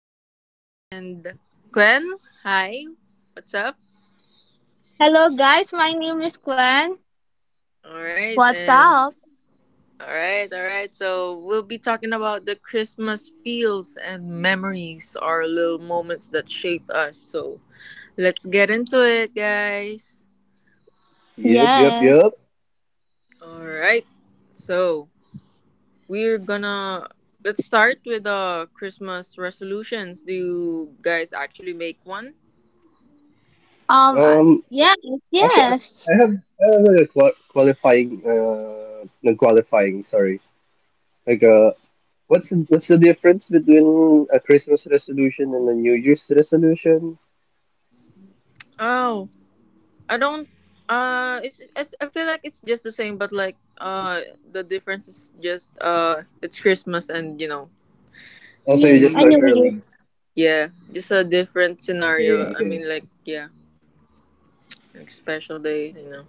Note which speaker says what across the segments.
Speaker 1: again, and Gwen, hi, what's up?
Speaker 2: Hello guys, my name is Gwen.
Speaker 1: All right,
Speaker 2: What's
Speaker 1: and
Speaker 2: up?
Speaker 1: all right. So we'll be talking about the Christmas feels and memories, our little moments that shape us. So let's get into it, guys.
Speaker 3: Yep.
Speaker 2: Yes.
Speaker 1: All right. So, we're gonna let's start with Christmas resolutions. Do you guys actually make one?
Speaker 3: Um,
Speaker 2: Yes,
Speaker 3: actually, I
Speaker 2: yes.
Speaker 3: I have a qualifying, not qualifying. Sorry. Like, uh, what's the difference between a Christmas resolution and a New Year's resolution?
Speaker 1: Oh, I don't it's I feel like it's just the same but like the difference is just it's Christmas and you know
Speaker 3: Also, you
Speaker 1: New
Speaker 2: You
Speaker 3: just
Speaker 2: I
Speaker 3: start
Speaker 2: knew
Speaker 1: Year.
Speaker 2: you.
Speaker 3: early.
Speaker 1: Yeah, just a different
Speaker 3: Okay,
Speaker 1: scenario.
Speaker 3: yeah,
Speaker 1: I
Speaker 3: okay.
Speaker 1: mean like yeah, like special days, you know.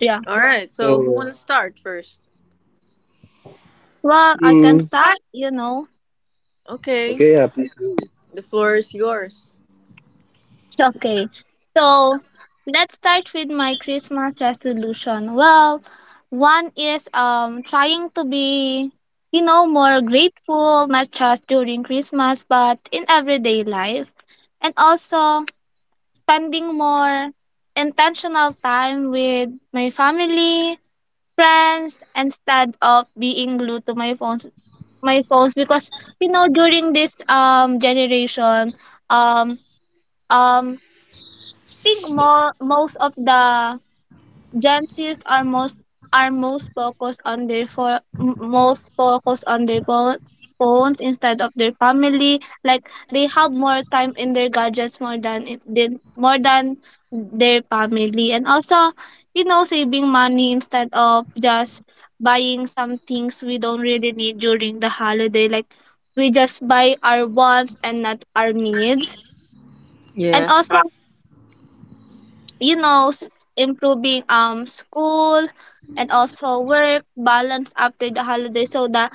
Speaker 2: Yeah.
Speaker 1: All right.
Speaker 3: So,
Speaker 1: So, who want
Speaker 3: uh,
Speaker 1: to start first?
Speaker 2: Well, I can
Speaker 3: mm,
Speaker 2: start, you know.
Speaker 1: Okay.
Speaker 3: okay, yeah, please do.
Speaker 1: The floor is yours.
Speaker 2: Okay. So, let's start with my Christmas resolution. Well, one is trying to be more grateful not just during Christmas but in everyday life. And also spending more intentional time with my family, friends, instead of being glued to my phones because during this generation um um I think more most of the Gypsies are most focused on their phones instead of their family. Like they have more time in their gadgets more than their family, and also saving money instead of just buying some things we don't really need during the holiday. Like we just buy our wants and not our needs, and
Speaker 1: Yeah.
Speaker 2: also you know s- improving school and also work balance after the holiday so that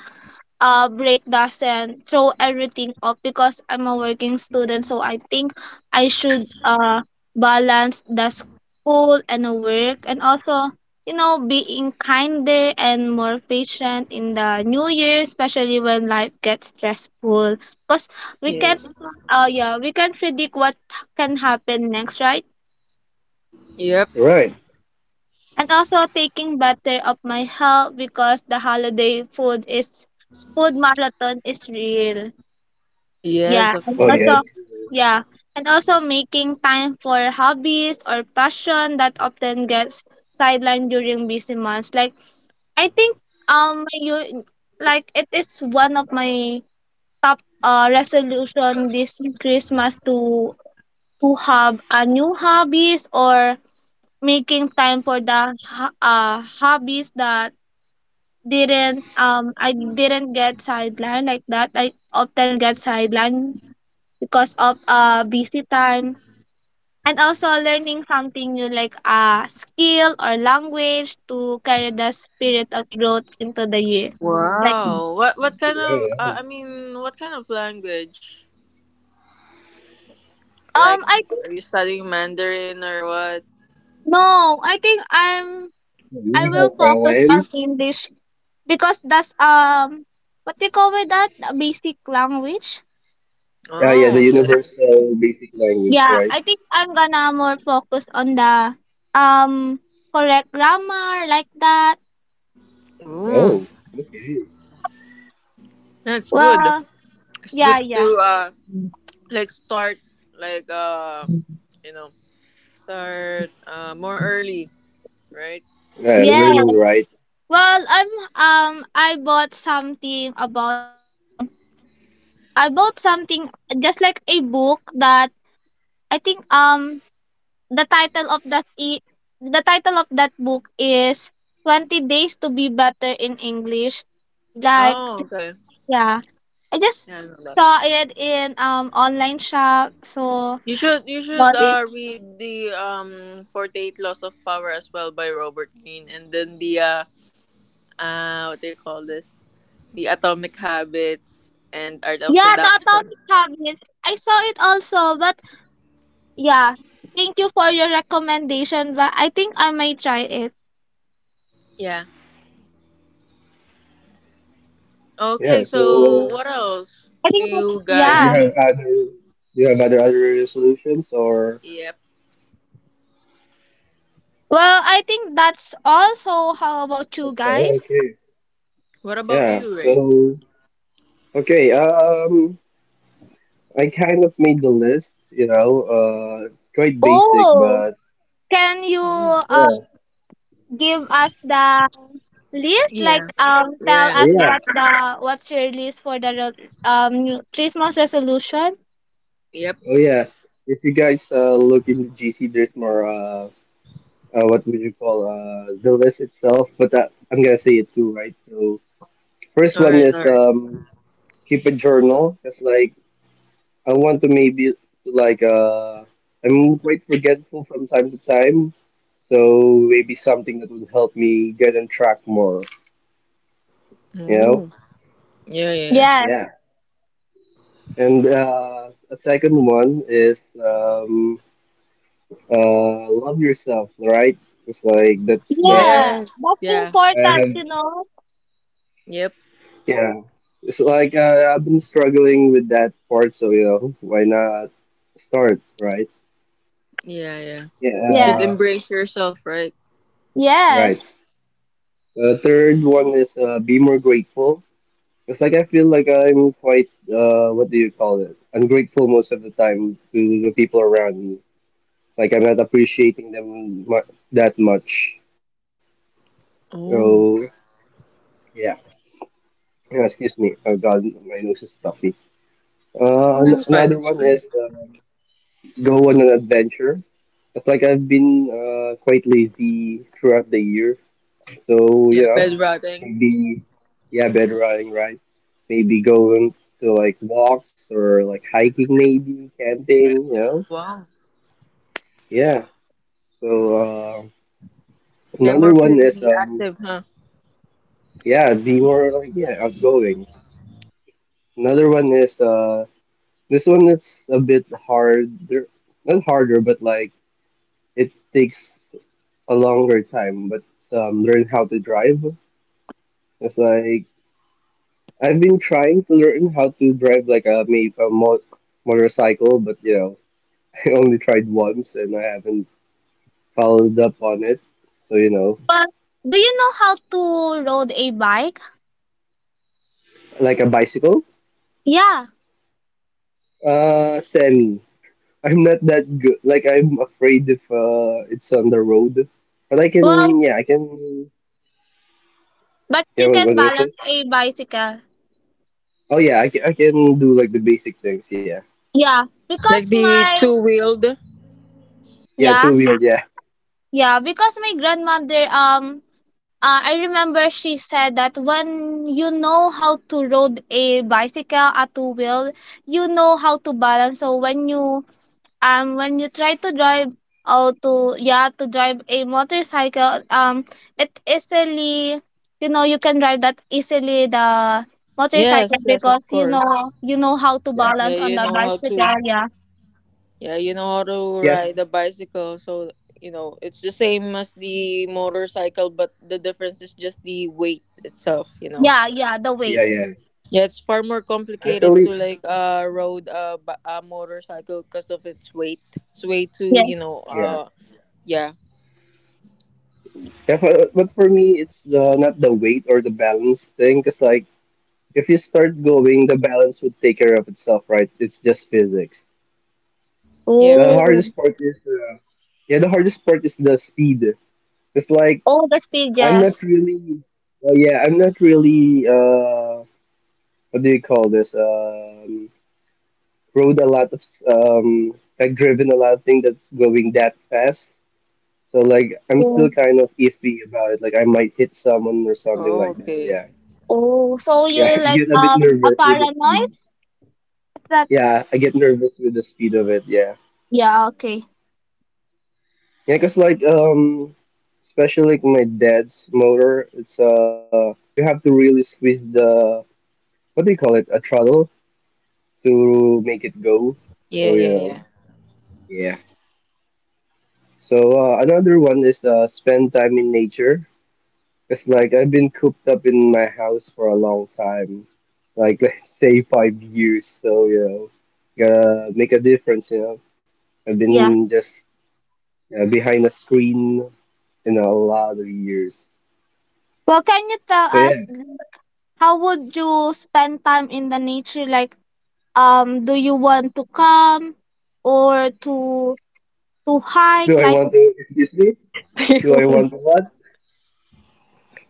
Speaker 2: break doesn't throw everything off because I'm a working student, so I think I should balance the school and the work, and also being kinder and more patient in the new year, especially when life gets stressful because we can
Speaker 1: Yes.
Speaker 2: yeah we can predict what can happen next, right?
Speaker 1: Yep.
Speaker 3: Right.
Speaker 2: And also taking better of my health because the holiday food marathon is real. Yeah,
Speaker 1: Yes, of
Speaker 2: and
Speaker 3: Oh yeah.
Speaker 2: also
Speaker 1: course.
Speaker 3: it's,
Speaker 2: yeah, making time for hobbies or passion that often gets sidelined during busy months. Like I think you like it is one of my top resolution this Christmas to have a new hobbies, or making time for the hobbies that didn't I didn't get sidelined like that. I often get sidelined because of busy time, and also learning something new like a skill or language to carry the spirit of growth into the year. Like
Speaker 1: Wow. What kind of
Speaker 3: yeah,
Speaker 1: I mean, what kind of language? Like
Speaker 2: I
Speaker 1: are you
Speaker 2: think
Speaker 1: studying Mandarin or what?
Speaker 2: no, I think I'm
Speaker 3: yeah. Really hard
Speaker 2: I will
Speaker 3: violin.
Speaker 2: focus on English because that's what do you call with that, a basic language.
Speaker 3: Yeah, yeah,
Speaker 1: Oh,
Speaker 3: the
Speaker 1: okay.
Speaker 3: universal basic language,
Speaker 2: Yeah,
Speaker 3: right?
Speaker 2: I think I'm gonna more focus on the um correct grammar like that.
Speaker 1: Mm.
Speaker 3: Oh, okay.
Speaker 1: That's good.
Speaker 2: Well,
Speaker 1: It's
Speaker 2: yeah,
Speaker 1: good
Speaker 2: yeah.
Speaker 1: to like start like you know, start more early, right?
Speaker 3: Yeah,
Speaker 2: Yeah.
Speaker 3: learning writing.
Speaker 2: Well, I bought something about I bought something just like a book that I think the title of that I- the title of that book is 20 days to be better in English. Like
Speaker 1: Oh, okay.
Speaker 2: yeah. I just
Speaker 1: Yeah, I know that.
Speaker 2: saw it in online shop, so
Speaker 1: You should you should
Speaker 2: bought it.
Speaker 1: uh, read the 48 Laws of Power as well by Robert Greene and then the what do you call this? The Atomic Habits and Art of
Speaker 2: Yeah, the
Speaker 1: Seduction.
Speaker 2: Atomic Habits. I saw it also, but yeah. Thank you for your recommendation, but I think I might try it.
Speaker 1: Yeah.
Speaker 3: Yeah,
Speaker 1: Okay, so
Speaker 3: so
Speaker 1: what else?
Speaker 2: I
Speaker 1: Do
Speaker 2: think
Speaker 1: you
Speaker 2: that's
Speaker 1: got
Speaker 3: do you
Speaker 2: yeah.
Speaker 3: have
Speaker 1: any?
Speaker 3: other solutions or
Speaker 1: Yep.
Speaker 2: Well, I think that's also, how about you
Speaker 3: okay,
Speaker 2: guys?
Speaker 3: okay.
Speaker 1: What about
Speaker 3: Yeah,
Speaker 1: you, Ray?
Speaker 3: so okay, um I kind of made the list, you know, it's quite basic
Speaker 2: Oh,
Speaker 3: but
Speaker 2: can you
Speaker 1: Mm.
Speaker 3: yeah.
Speaker 2: give us the list? Like
Speaker 1: Yeah.
Speaker 2: tell
Speaker 1: Yeah.
Speaker 3: Oh
Speaker 2: us
Speaker 3: yeah.
Speaker 2: what the what's your list for the Christmas resolution?
Speaker 1: Yep.
Speaker 3: Oh yeah. If you guys look into GC there's more what would you call the list itself, but that, I'm gonna say it too, right? So first
Speaker 1: All
Speaker 3: one
Speaker 1: right,
Speaker 3: is
Speaker 1: all right.
Speaker 3: keep a journal. Just like I want to maybe like uh I'm quite forgetful from time to time, so maybe something that would help me get on track more, you know?
Speaker 1: Oh. Yeah.
Speaker 2: Yes.
Speaker 3: Yeah. And a second one is love yourself, right? It's like that's
Speaker 2: Yeah,
Speaker 1: Yes.
Speaker 2: that's
Speaker 1: Yeah.
Speaker 3: I
Speaker 2: important,
Speaker 3: have
Speaker 2: you know?
Speaker 1: Yep.
Speaker 3: yeah. It's like I've been struggling with that part, so you know, why not start, right?
Speaker 1: Yeah, yeah.
Speaker 3: Yeah,
Speaker 2: Yeah.
Speaker 1: Should
Speaker 3: uh,
Speaker 1: embrace yourself, right?
Speaker 3: right.
Speaker 2: Yes.
Speaker 3: The third one is be more grateful. It's like I feel like I'm quite, what do you call it? Ungrateful most of the time to the people around me. Like I'm not appreciating them mu that much. So,
Speaker 1: Oh.
Speaker 3: yeah. Yeah, excuse me. Oh God, my nose is stuffy. An
Speaker 1: That's
Speaker 2: Mm.
Speaker 1: fine.
Speaker 3: another
Speaker 1: That's
Speaker 3: one
Speaker 1: fine.
Speaker 3: is go on an adventure. It's like I've been quite lazy throughout the year. So, you
Speaker 1: Yeah,
Speaker 3: know,
Speaker 1: bed rotting.
Speaker 3: maybe, yeah, bed riding, right? Maybe going to like walks or like hiking, maybe camping, you know?
Speaker 1: Wow.
Speaker 3: Yeah. So,
Speaker 1: They're
Speaker 3: another
Speaker 1: more
Speaker 3: one is,
Speaker 1: pretty active, huh?
Speaker 3: yeah, be more like, yeah, outgoing. Another one is, this one is a bit harder, not harder, but like it takes a longer time, but, learn how to drive. It's like, I've been trying to learn how to drive like a maybe a mo motorcycle, but you know, I only tried once and I haven't followed up on it. So, you know,
Speaker 2: But do you know how to ride a bike?
Speaker 3: like a bicycle?
Speaker 2: Yeah.
Speaker 3: Semi. I'm not that good. Like I'm afraid if it's on the road. But
Speaker 2: Well,
Speaker 3: I can.
Speaker 2: but
Speaker 3: Yeah,
Speaker 2: you can
Speaker 3: what was it?
Speaker 2: balance a bicycle.
Speaker 3: Oh yeah, I can do like the basic things. Yeah,
Speaker 2: Yeah,
Speaker 1: Like
Speaker 2: because
Speaker 1: the
Speaker 2: my
Speaker 1: two wheeled.
Speaker 3: yeah,
Speaker 2: yeah,
Speaker 3: two wheeled. Yeah,
Speaker 2: yeah, because my grandmother I remember she said that when you know how to ride a bicycle, a two wheel, you know how to balance. So when you try to drive or to drive a motorcycle, it easily, you can drive that easily, the motorcycle,
Speaker 1: Yes, yes, of
Speaker 2: because you know
Speaker 1: course.
Speaker 3: yeah,
Speaker 2: you know how to
Speaker 1: Yeah,
Speaker 2: balance on
Speaker 1: you
Speaker 2: the
Speaker 1: know how to.
Speaker 2: bicycle. Yeah,
Speaker 1: Yeah, you know how
Speaker 3: yeah,
Speaker 1: to ride a bicycle. So you know it's the same as the motorcycle, but the difference is just the weight itself. You know.
Speaker 2: yeah, yeah, the
Speaker 3: yeah,
Speaker 2: weight.
Speaker 3: yeah.
Speaker 1: Yeah, it's far more complicated to
Speaker 3: Actually,
Speaker 1: like ride a, a motorcycle because of its weight. It's way too you
Speaker 2: Yes.
Speaker 1: know
Speaker 3: yeah.
Speaker 1: yeah
Speaker 3: Yeah, but, for me, it's not the weight or the balance thing. Because, like, if you start going, the balance would take care of itself, right? It's just physics.
Speaker 1: yep
Speaker 3: The
Speaker 1: yep.
Speaker 2: Oh.
Speaker 3: hardest part is, yeah, the hardest part is the speed. It's like,
Speaker 2: Oh, the speed.
Speaker 3: I'm not
Speaker 2: Yes.
Speaker 3: really, yeah, I'm not really, what do you call this? Rode a lot of, like, driven a lot of thing that's going that fast. So, like, I'm still
Speaker 2: Oh,
Speaker 3: kind of iffy about it. Like, I might hit someone or something
Speaker 1: Oh,
Speaker 3: like that.
Speaker 1: okay.
Speaker 3: Yeah.
Speaker 2: oh. So you,
Speaker 3: Yeah, I
Speaker 2: like,
Speaker 3: get a bit
Speaker 2: a
Speaker 3: nervous with the
Speaker 2: paranoid,
Speaker 3: speed.
Speaker 2: is that?
Speaker 3: Yeah, I get nervous with the speed of it. Yeah,
Speaker 2: Yeah. Okay.
Speaker 3: yeah, cause like especially like my dad's motor, it's you have to really squeeze the what do you call it, a throttle to make it go. So
Speaker 1: Yeah
Speaker 3: you
Speaker 1: yeah
Speaker 3: know,
Speaker 1: yeah.
Speaker 3: yeah. So another one is spend time in nature. It's like I've been cooped up in my house for a long time, like let's say 5 years. So you know, gotta make a difference. You know. I've
Speaker 2: Yeah.
Speaker 3: been just behind a screen in a lot of years.
Speaker 2: Well, can you tell
Speaker 3: So yeah,
Speaker 2: us, like, how would you spend time in the nature? Like, do you want to come, or to hike?
Speaker 3: do I
Speaker 2: Like,
Speaker 3: want to? Excuse me.
Speaker 1: Do you
Speaker 3: Do I want
Speaker 1: want?
Speaker 3: to what?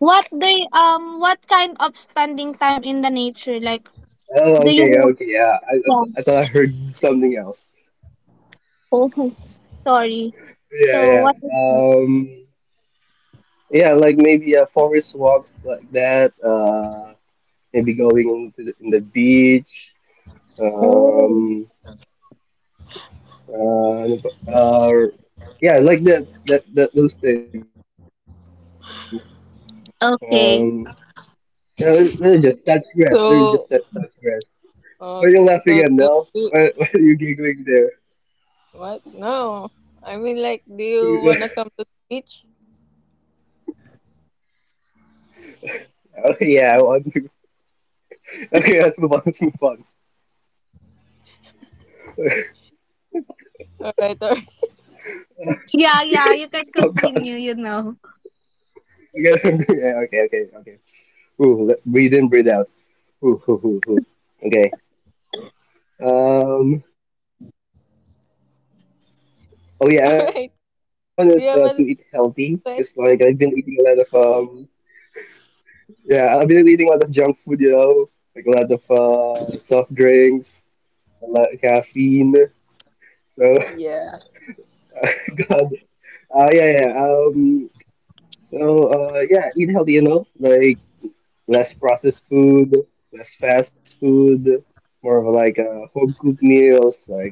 Speaker 2: what kind of spending time in the nature, like,
Speaker 3: Oh,
Speaker 2: do you
Speaker 3: okay,
Speaker 2: want?
Speaker 3: okay. Yeah,
Speaker 2: Yeah.
Speaker 3: I thought I heard something else.
Speaker 2: Oh, sorry,
Speaker 3: Yeah,
Speaker 2: so what
Speaker 3: yeah.
Speaker 2: is that?
Speaker 3: Um, yeah, like maybe a forest walks like that. Maybe going in the beach.
Speaker 2: Oh,
Speaker 3: Um, uh, uh, yeah, like those things. Um, yeah,
Speaker 2: okay.
Speaker 3: let it just touch grass. There is just that touch grass.
Speaker 1: So
Speaker 3: What are you laughing at, Nell?
Speaker 1: okay. So
Speaker 3: What are you
Speaker 1: do you-
Speaker 3: giggling there?
Speaker 1: what? No, I mean like, do you wanna come to the beach?
Speaker 3: oh, yeah, I want to. Okay, let's move on. Let's move on.
Speaker 1: All right, all right.
Speaker 2: Yeah, yeah,
Speaker 3: Oh
Speaker 2: you can
Speaker 3: God.
Speaker 2: continue, you know.
Speaker 3: Okay, yeah, okay. Ooh, let, breathe in, breathe out. Ooh. Okay. Um. Oh yeah, another one is to eat healthy.
Speaker 1: All
Speaker 3: Cause
Speaker 1: right.
Speaker 3: like I've been
Speaker 1: Do you
Speaker 3: eating a
Speaker 1: have anything
Speaker 3: lot of
Speaker 1: to
Speaker 3: um.
Speaker 1: say?
Speaker 3: Yeah, I've been eating a lot of junk food. You know, like a lot of soft drinks, a lot of caffeine. So.
Speaker 1: Yeah,
Speaker 3: God, Uh, yeah, yeah. yeah. Um, so, yeah, eat healthy, you know, like less processed food, less fast food, more of like home cooked meals, like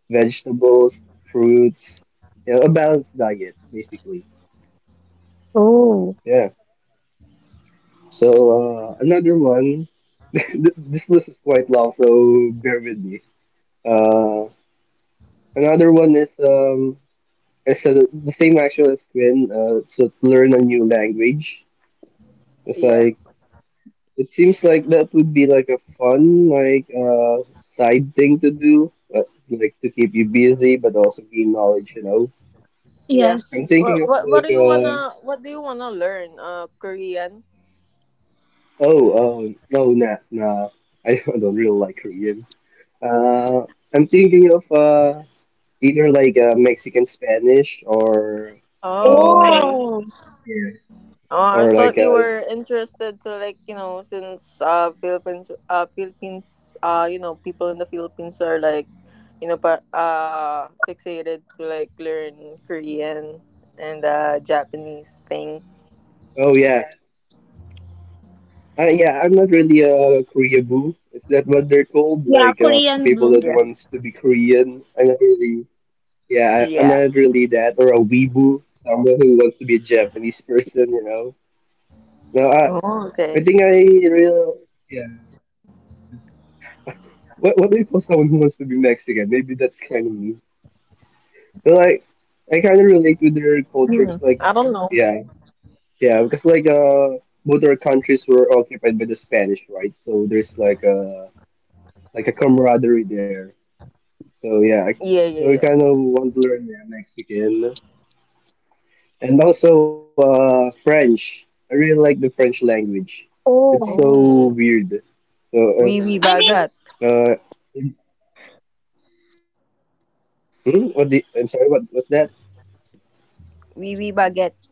Speaker 3: vegetables, fruits, you know, a balanced diet, basically.
Speaker 2: Oh,
Speaker 3: Yeah. So, another one. This list is quite long, so bear with me. Uh, another one is the same actually as Quinn. So to learn a new language. It's
Speaker 1: yeah,
Speaker 3: like it seems like that would be like a fun, like side thing to do, but like to keep you busy, but also gain knowledge. You know,
Speaker 1: yeah.
Speaker 2: yes.
Speaker 3: I'm thinking
Speaker 1: What,
Speaker 3: of
Speaker 1: what what do you wanna learn? Korean.
Speaker 3: oh, no, nah, I don't really like Korean. Uh, I'm thinking of either like Mexican Spanish or
Speaker 1: Oh, okay.
Speaker 3: uh,
Speaker 2: Oh.
Speaker 3: yeah,
Speaker 1: Oh, I
Speaker 3: or
Speaker 1: thought you
Speaker 3: like
Speaker 1: were
Speaker 3: uh,
Speaker 1: interested to like you know since Philippines you know people in the Philippines are like you know fixated to like learn Korean and
Speaker 3: oh
Speaker 1: Japanese
Speaker 3: yeah,
Speaker 1: thing.
Speaker 3: Yeah, I'm not really a Korea boo. Is that what they're called? Like
Speaker 2: Yeah,
Speaker 3: people that
Speaker 2: Korean
Speaker 3: wants to
Speaker 2: blue.
Speaker 3: be
Speaker 1: Yeah.
Speaker 3: Korean. I'm not really. Yeah, I'm not
Speaker 1: Yeah.
Speaker 3: really that or a weeboo, someone who wants to be a Japanese person. You know. No, I
Speaker 1: Oh, okay.
Speaker 3: I think I real. Yeah. What do you call someone who wants to be Mexican? Maybe that's kind of me. But like I kind of
Speaker 1: Hmm.
Speaker 3: relate with
Speaker 1: I
Speaker 3: their
Speaker 1: don't know.
Speaker 3: culture. 'Cause, like yeah, yeah, because like both our countries were occupied by the Spanish, right? So there's like a camaraderie there. So yeah,
Speaker 1: Yeah, yeah, yeah.
Speaker 3: so we kind of want to learn yeah, Mexican and also French. I really like the French language. It's so
Speaker 2: Oh.
Speaker 3: weird.
Speaker 1: Oh,
Speaker 3: So
Speaker 1: wee wee
Speaker 2: I mean,
Speaker 1: baguette.
Speaker 3: yeah. Hmm? what the I'm sorry, what was that?
Speaker 1: Wee wee baguette.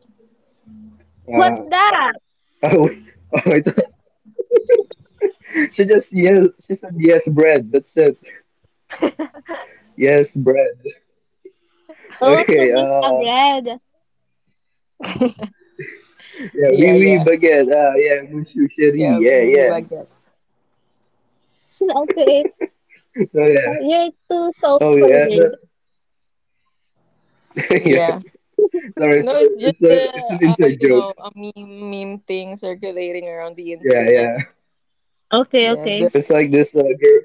Speaker 3: Uh
Speaker 2: what's that?
Speaker 3: oh, I thought- she just yes she said yes bread. That's it. Yes bread.
Speaker 2: Oh, so
Speaker 3: Okay,
Speaker 2: that's a bread.
Speaker 3: yeah, we
Speaker 1: Yeah,
Speaker 3: oui, oui,
Speaker 1: yeah.
Speaker 3: baguette. Ah yeah, monsieur chéri.
Speaker 1: Yeah, wee
Speaker 3: Yeah,
Speaker 1: wee
Speaker 3: yeah.
Speaker 1: baguette.
Speaker 2: Okay.
Speaker 3: So yeah.
Speaker 2: You're too so
Speaker 3: Oh yeah.
Speaker 2: sorry.
Speaker 3: no-
Speaker 1: Yeah.
Speaker 3: Sorry,
Speaker 1: No, it's just
Speaker 3: it's
Speaker 1: the
Speaker 3: an inside
Speaker 1: you
Speaker 3: joke.
Speaker 1: know, a meme thing circulating around the
Speaker 3: Yeah,
Speaker 1: internet.
Speaker 3: yeah.
Speaker 2: Okay,
Speaker 1: Yeah,
Speaker 2: okay.
Speaker 1: the
Speaker 3: It's like this girl.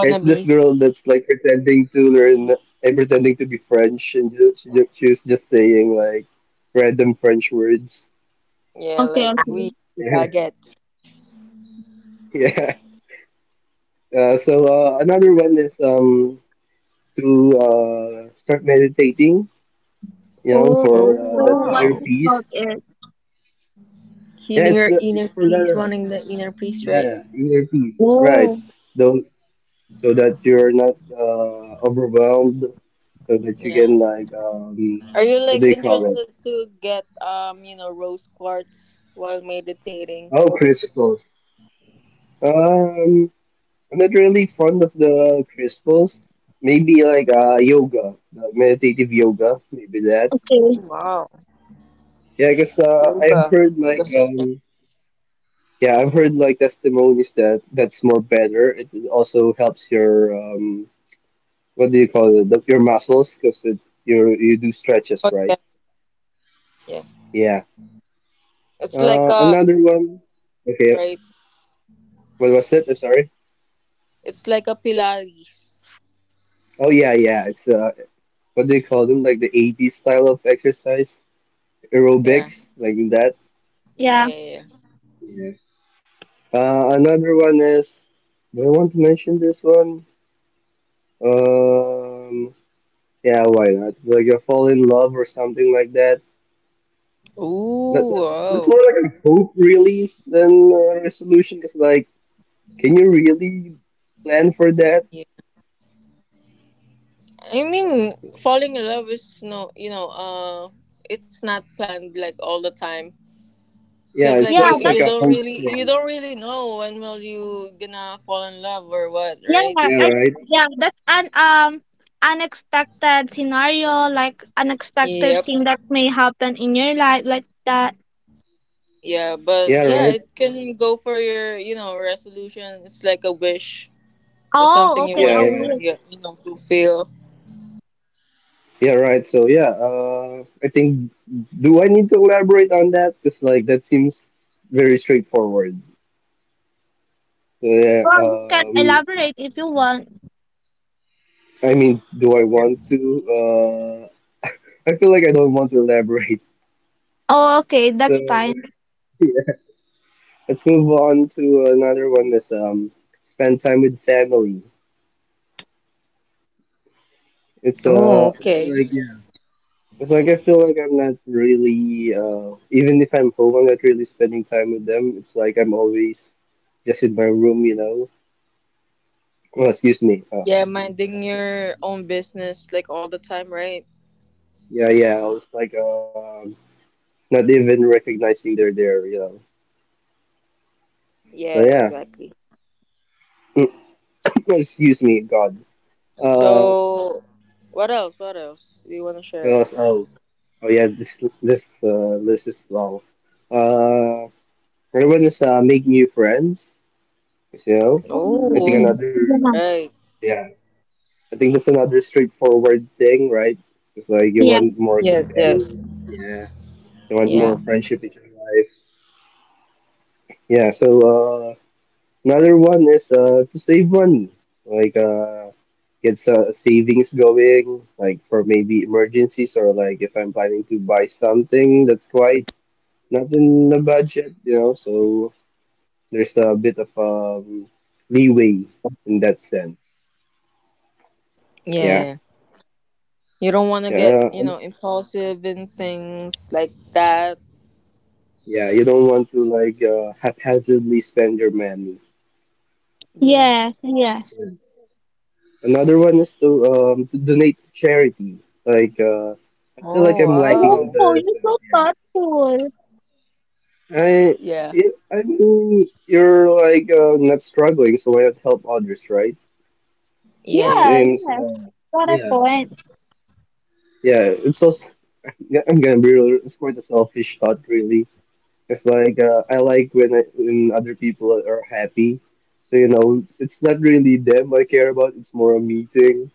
Speaker 3: It's this girl that's like pretending to learn, like pretending to be French, and she was just saying like random French words.
Speaker 1: Yeah,
Speaker 2: Okay,
Speaker 1: like
Speaker 2: okay.
Speaker 1: we
Speaker 3: Yeah,
Speaker 1: baguettes.
Speaker 3: yeah. So another one is to start meditating. You know,
Speaker 2: Oh,
Speaker 3: for
Speaker 1: Oh
Speaker 2: so
Speaker 3: that
Speaker 2: what
Speaker 3: inner
Speaker 1: wow.
Speaker 3: peace.
Speaker 2: about it?
Speaker 3: Yeah,
Speaker 1: Healing your
Speaker 3: it's
Speaker 1: inner
Speaker 3: for
Speaker 1: peace,
Speaker 3: the
Speaker 1: wanting the inner peace,
Speaker 3: yeah
Speaker 1: right?
Speaker 3: yeah, inner peace. Right.
Speaker 2: Oh,
Speaker 3: Those so that you're not overwhelmed, so that you
Speaker 1: Yeah.
Speaker 3: can like
Speaker 1: Are you
Speaker 3: what
Speaker 1: like
Speaker 3: do you call it?
Speaker 1: interested to get you know, rose quartz while meditating?
Speaker 3: Oh, crisples. Um, I'm not really fond of the crisples. Maybe like
Speaker 1: Yeah.
Speaker 3: yoga, the meditative yoga, maybe that.
Speaker 1: Oh
Speaker 2: okay.
Speaker 1: wow.
Speaker 3: Yeah, I guess I've
Speaker 1: Yoga.
Speaker 3: heard
Speaker 1: Yoga
Speaker 3: like
Speaker 1: session.
Speaker 3: yeah, I've heard like testimonies that that's more better. It also helps your what do you call it? The, your muscles because you do
Speaker 1: Oh
Speaker 3: stretches,
Speaker 1: yeah,
Speaker 3: right?
Speaker 1: yeah.
Speaker 3: Yeah.
Speaker 1: It's like a
Speaker 3: Another one. Okay,
Speaker 1: right.
Speaker 3: what was it? I'm sorry.
Speaker 1: It's like a pilates.
Speaker 3: Oh yeah, yeah. It's what do you call them? Like the 80s style of exercise,
Speaker 1: Yeah.
Speaker 3: aerobics, like that.
Speaker 1: Yeah,
Speaker 2: Yeah.
Speaker 1: yeah, yeah.
Speaker 3: Yeah. Another one is. Do I want to mention this one? Um. Yeah, why not? Like a fall in love or something like that. That
Speaker 1: Ooh,
Speaker 3: that's more
Speaker 1: oh.
Speaker 3: like a hope really than a resolution. Cause like, can you really plan for that?
Speaker 1: Yeah. I mean, falling in love is no, you know, it's not planned like all the time.
Speaker 3: Yeah,
Speaker 1: Cause like
Speaker 2: Yeah,
Speaker 1: you,
Speaker 3: it's like
Speaker 2: that's
Speaker 1: you
Speaker 3: a
Speaker 1: don't
Speaker 3: hope
Speaker 1: really, you
Speaker 3: thing.
Speaker 1: don't really know when will you gonna fall in love or what,
Speaker 2: yeah,
Speaker 1: right?
Speaker 3: Yeah,
Speaker 2: I
Speaker 3: right.
Speaker 2: yeah, that's an unexpected scenario, like unexpected
Speaker 1: Yep.
Speaker 2: thing that may happen in your life like that.
Speaker 1: Yeah, but
Speaker 3: Yeah,
Speaker 1: yeah,
Speaker 3: right.
Speaker 1: it can go for your, you know, resolution. It's like a wish or
Speaker 2: Oh,
Speaker 1: something you
Speaker 2: okay,
Speaker 1: want
Speaker 3: Yeah,
Speaker 2: I
Speaker 1: to,
Speaker 3: right.
Speaker 2: will.
Speaker 1: you know, fulfill.
Speaker 3: Yeah, right. So yeah, I think do I need to elaborate on that? Because like that seems very straightforward. So yeah,
Speaker 2: Well, you can elaborate if you want.
Speaker 3: I mean, do I
Speaker 1: Yeah.
Speaker 3: want to? Uh, I feel like I don't want to elaborate.
Speaker 2: Oh, okay,
Speaker 3: So
Speaker 2: that's fine.
Speaker 3: yeah. Let's move on to another one. That's spend time with family.
Speaker 1: Oh,
Speaker 3: It's
Speaker 1: okay.
Speaker 3: like yeah, it's like I feel like I'm not really even if I'm home, I'm not really spending time with them. It's like I'm always just in my room, you know. Oh, excuse me. Oh,
Speaker 1: Yeah, minding your own business like all the time, right?
Speaker 3: yeah, yeah. I was like, not even recognizing they're there, you know. So
Speaker 1: Yeah,
Speaker 3: yeah.
Speaker 1: exactly.
Speaker 3: Excuse me, God. Uh,
Speaker 1: So, what else? What else do you want to share
Speaker 3: oh,
Speaker 1: us?
Speaker 3: oh, oh, yeah. This list is long. Uh, everyone is make new friends. You know, I think
Speaker 2: Mm.
Speaker 1: Oh,
Speaker 3: another.
Speaker 1: right.
Speaker 3: Yeah, I think that's another straightforward thing, right? It's like you
Speaker 2: Yeah.
Speaker 3: want more
Speaker 1: Yes, yes.
Speaker 3: companions. Yeah, you want more
Speaker 1: Yeah,
Speaker 3: friendship in your life. Yeah. Another one is to save money, like get some savings going, like for maybe emergencies or like if I'm planning to buy something that's quite not in the budget, you know. So there's a bit of leeway in that sense.
Speaker 1: yeah,
Speaker 3: Yeah,
Speaker 1: yeah. You don't want to get,
Speaker 3: yeah,
Speaker 1: you know, impulsive in things like that.
Speaker 3: yeah. You don't want to like haphazardly spend your money.
Speaker 1: Yeah.
Speaker 2: Yes, yes.
Speaker 3: Yeah. Another one is to donate to charity. Like I feel like
Speaker 1: Oh,
Speaker 3: I'm lacking on
Speaker 1: wow.
Speaker 2: Oh,
Speaker 3: that.
Speaker 2: you're so thoughtful.
Speaker 3: I,
Speaker 1: Yeah,
Speaker 3: yeah, I mean, you're like not struggling, so why not help others, right?
Speaker 1: yeah,
Speaker 3: It
Speaker 1: yeah.
Speaker 2: Yeah,
Speaker 3: seems,
Speaker 2: yes. Got a
Speaker 3: yeah,
Speaker 2: point.
Speaker 3: yeah. It's also, I'm gonna be real. It's quite a selfish thought, really. It's like I like when when other people are happy, so you know, it's not really them I care about. It's more a me thing.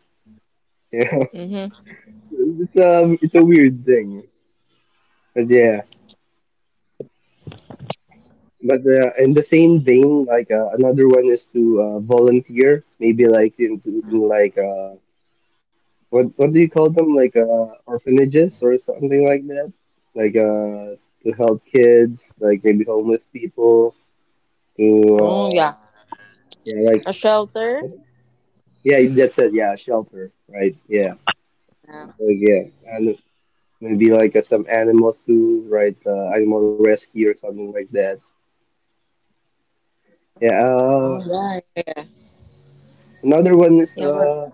Speaker 3: Yeah,
Speaker 1: Mm-hmm.
Speaker 3: it's a weird thing, but yeah. But in the same vein, like another one is to volunteer, maybe like in like. What do you call them? Like orphanages or something like that? Like to help kids, like maybe homeless people. To
Speaker 1: Oh, yeah.
Speaker 3: yeah, like
Speaker 1: A shelter.
Speaker 3: yeah, that's it. Yeah, shelter, right? Yeah,
Speaker 1: Yeah.
Speaker 3: like yeah, and maybe like some animals too, right? Animal rescue or something like that. Yeah.
Speaker 1: Oh, yeah, yeah.
Speaker 3: Another one is
Speaker 1: Yeah, what?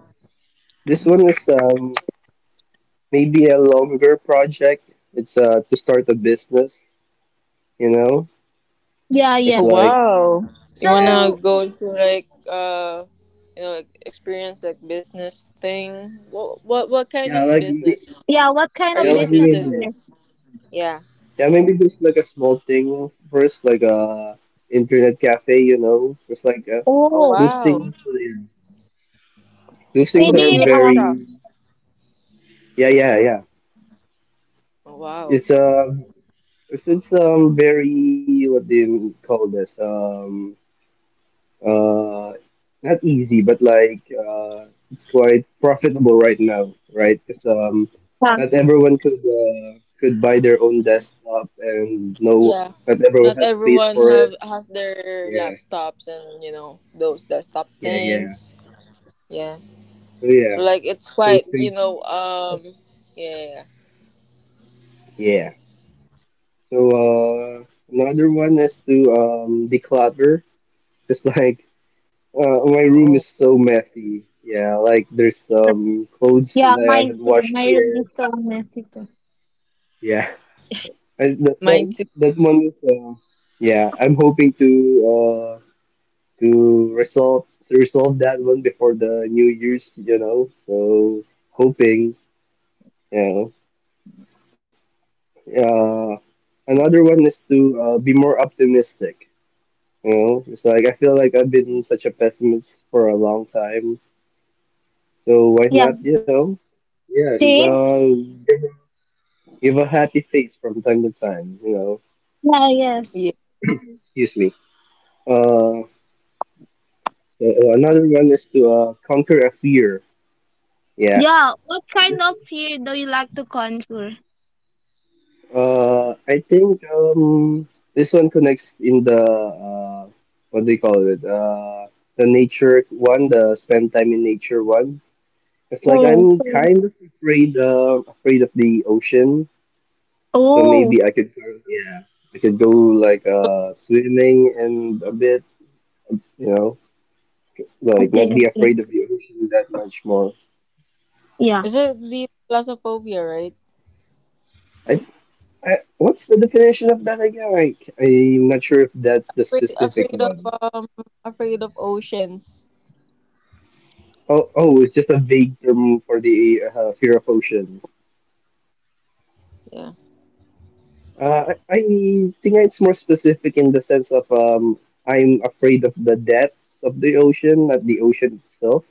Speaker 3: this
Speaker 1: Mm-hmm.
Speaker 3: one is maybe a longer project. It's to start a business. You know,
Speaker 2: Yeah, yeah.
Speaker 3: it's
Speaker 1: Oh
Speaker 3: like.
Speaker 1: Wow. You
Speaker 3: Yeah.
Speaker 1: wanna
Speaker 2: So,
Speaker 1: go to like you know like, experience like business thing? What kind
Speaker 3: Yeah,
Speaker 1: of
Speaker 3: like
Speaker 1: business
Speaker 2: yeah, what kind
Speaker 1: are
Speaker 2: of
Speaker 3: yeah,
Speaker 1: you
Speaker 3: like
Speaker 2: business
Speaker 1: interested
Speaker 2: is
Speaker 3: maybe
Speaker 1: in?
Speaker 2: this?
Speaker 1: Yeah.
Speaker 3: yeah, maybe just like a small thing first, like a internet cafe, you know, just like
Speaker 1: Oh
Speaker 2: Oh,
Speaker 3: those
Speaker 1: wow.
Speaker 3: things. Yeah. Those
Speaker 1: A
Speaker 3: things are
Speaker 2: maybe,
Speaker 1: computer shop.
Speaker 3: very yeah, yeah, yeah.
Speaker 1: Oh wow.
Speaker 3: It's very what do you call this Uh, Not easy, but like it's quite profitable right now, right? Because
Speaker 2: yeah,
Speaker 3: not
Speaker 1: Yeah.
Speaker 3: everyone could buy their own desktop, and no,
Speaker 1: Yeah.
Speaker 3: not everyone
Speaker 1: Not
Speaker 3: has space
Speaker 1: everyone
Speaker 3: for it.
Speaker 1: have has their
Speaker 3: Yeah,
Speaker 1: laptops and you know those desktop
Speaker 3: yeah, yeah.
Speaker 1: things. Yeah.
Speaker 3: So yeah,
Speaker 1: So like it's
Speaker 3: those
Speaker 1: quite, you
Speaker 3: things.
Speaker 1: know, yeah. yeah,
Speaker 3: Yeah. So another one is to declutter. It's like my
Speaker 1: yeah.
Speaker 3: room is
Speaker 1: Oh.
Speaker 3: so messy. Yeah, like there's some clothes
Speaker 2: yeah,
Speaker 3: that I
Speaker 2: mine
Speaker 3: haven't
Speaker 2: too.
Speaker 3: washed
Speaker 2: My room
Speaker 3: yet.
Speaker 2: is so messy too.
Speaker 3: Yeah. And
Speaker 1: Mine too.
Speaker 3: that one is, yeah, I'm hoping to uh, to resolve that one before the New Year's, you know. So hoping, you know. Uh, another one is to be more optimistic. You know, it's like I feel like I've been such a pessimist for a long time. So why
Speaker 2: Yeah,
Speaker 3: not, you know? Yeah,
Speaker 2: see?
Speaker 3: give a happy face from time to time. You know,
Speaker 2: Yeah, yes.
Speaker 1: Yeah.
Speaker 3: excuse me. Uh, another one is to conquer a fear. Yeah.
Speaker 2: Yeah, what kind of fear do you like to conquer?
Speaker 3: I think this one connects in the what do you call it? The nature one, the spend time in nature one. It's like I'm
Speaker 2: Oh,
Speaker 3: kind of afraid of the ocean, so
Speaker 2: oh.
Speaker 3: maybe I could go, yeah I could go like swimming and a bit you know like not
Speaker 2: Okay,
Speaker 3: be
Speaker 2: okay.
Speaker 3: afraid of the ocean that much more.
Speaker 2: Yeah.
Speaker 1: Is it the Plaza phobia, right?
Speaker 3: I I, what's the definition of that again? Like, I'm not sure if that's the
Speaker 1: afraid,
Speaker 3: specific
Speaker 1: afraid of
Speaker 3: one.
Speaker 1: um afraid of oceans.
Speaker 3: Oh, oh, it's just a vague term for the fear of ocean.
Speaker 1: Yeah.
Speaker 3: I think it's more specific in the sense of I'm afraid of the depths of the ocean, not the ocean itself.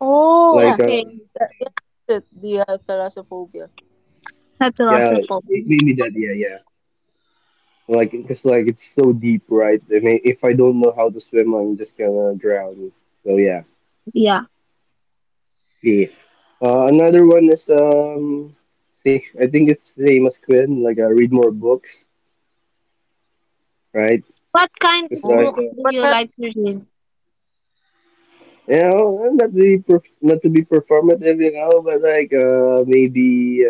Speaker 2: Oh,
Speaker 3: Like,
Speaker 1: Yeah.
Speaker 2: okay.
Speaker 1: Yeah. yeah that's it. The thalassophobia.
Speaker 2: Not
Speaker 3: yeah,
Speaker 2: philosophical.
Speaker 3: maybe that, yeah, yeah. Like, because like it's so deep, right? I mean, if I don't know how to swim, I'm just gonna drown. So yeah.
Speaker 2: Yeah.
Speaker 3: Okay. Another one is see, I think it's the same as Quinn. Like, read more books, right?
Speaker 2: What kind
Speaker 3: It's
Speaker 2: of
Speaker 1: Oh,
Speaker 3: like,
Speaker 2: books do
Speaker 1: what
Speaker 2: you
Speaker 1: kind?
Speaker 2: like to read?
Speaker 3: you know, not to be performative, you know, but like maybe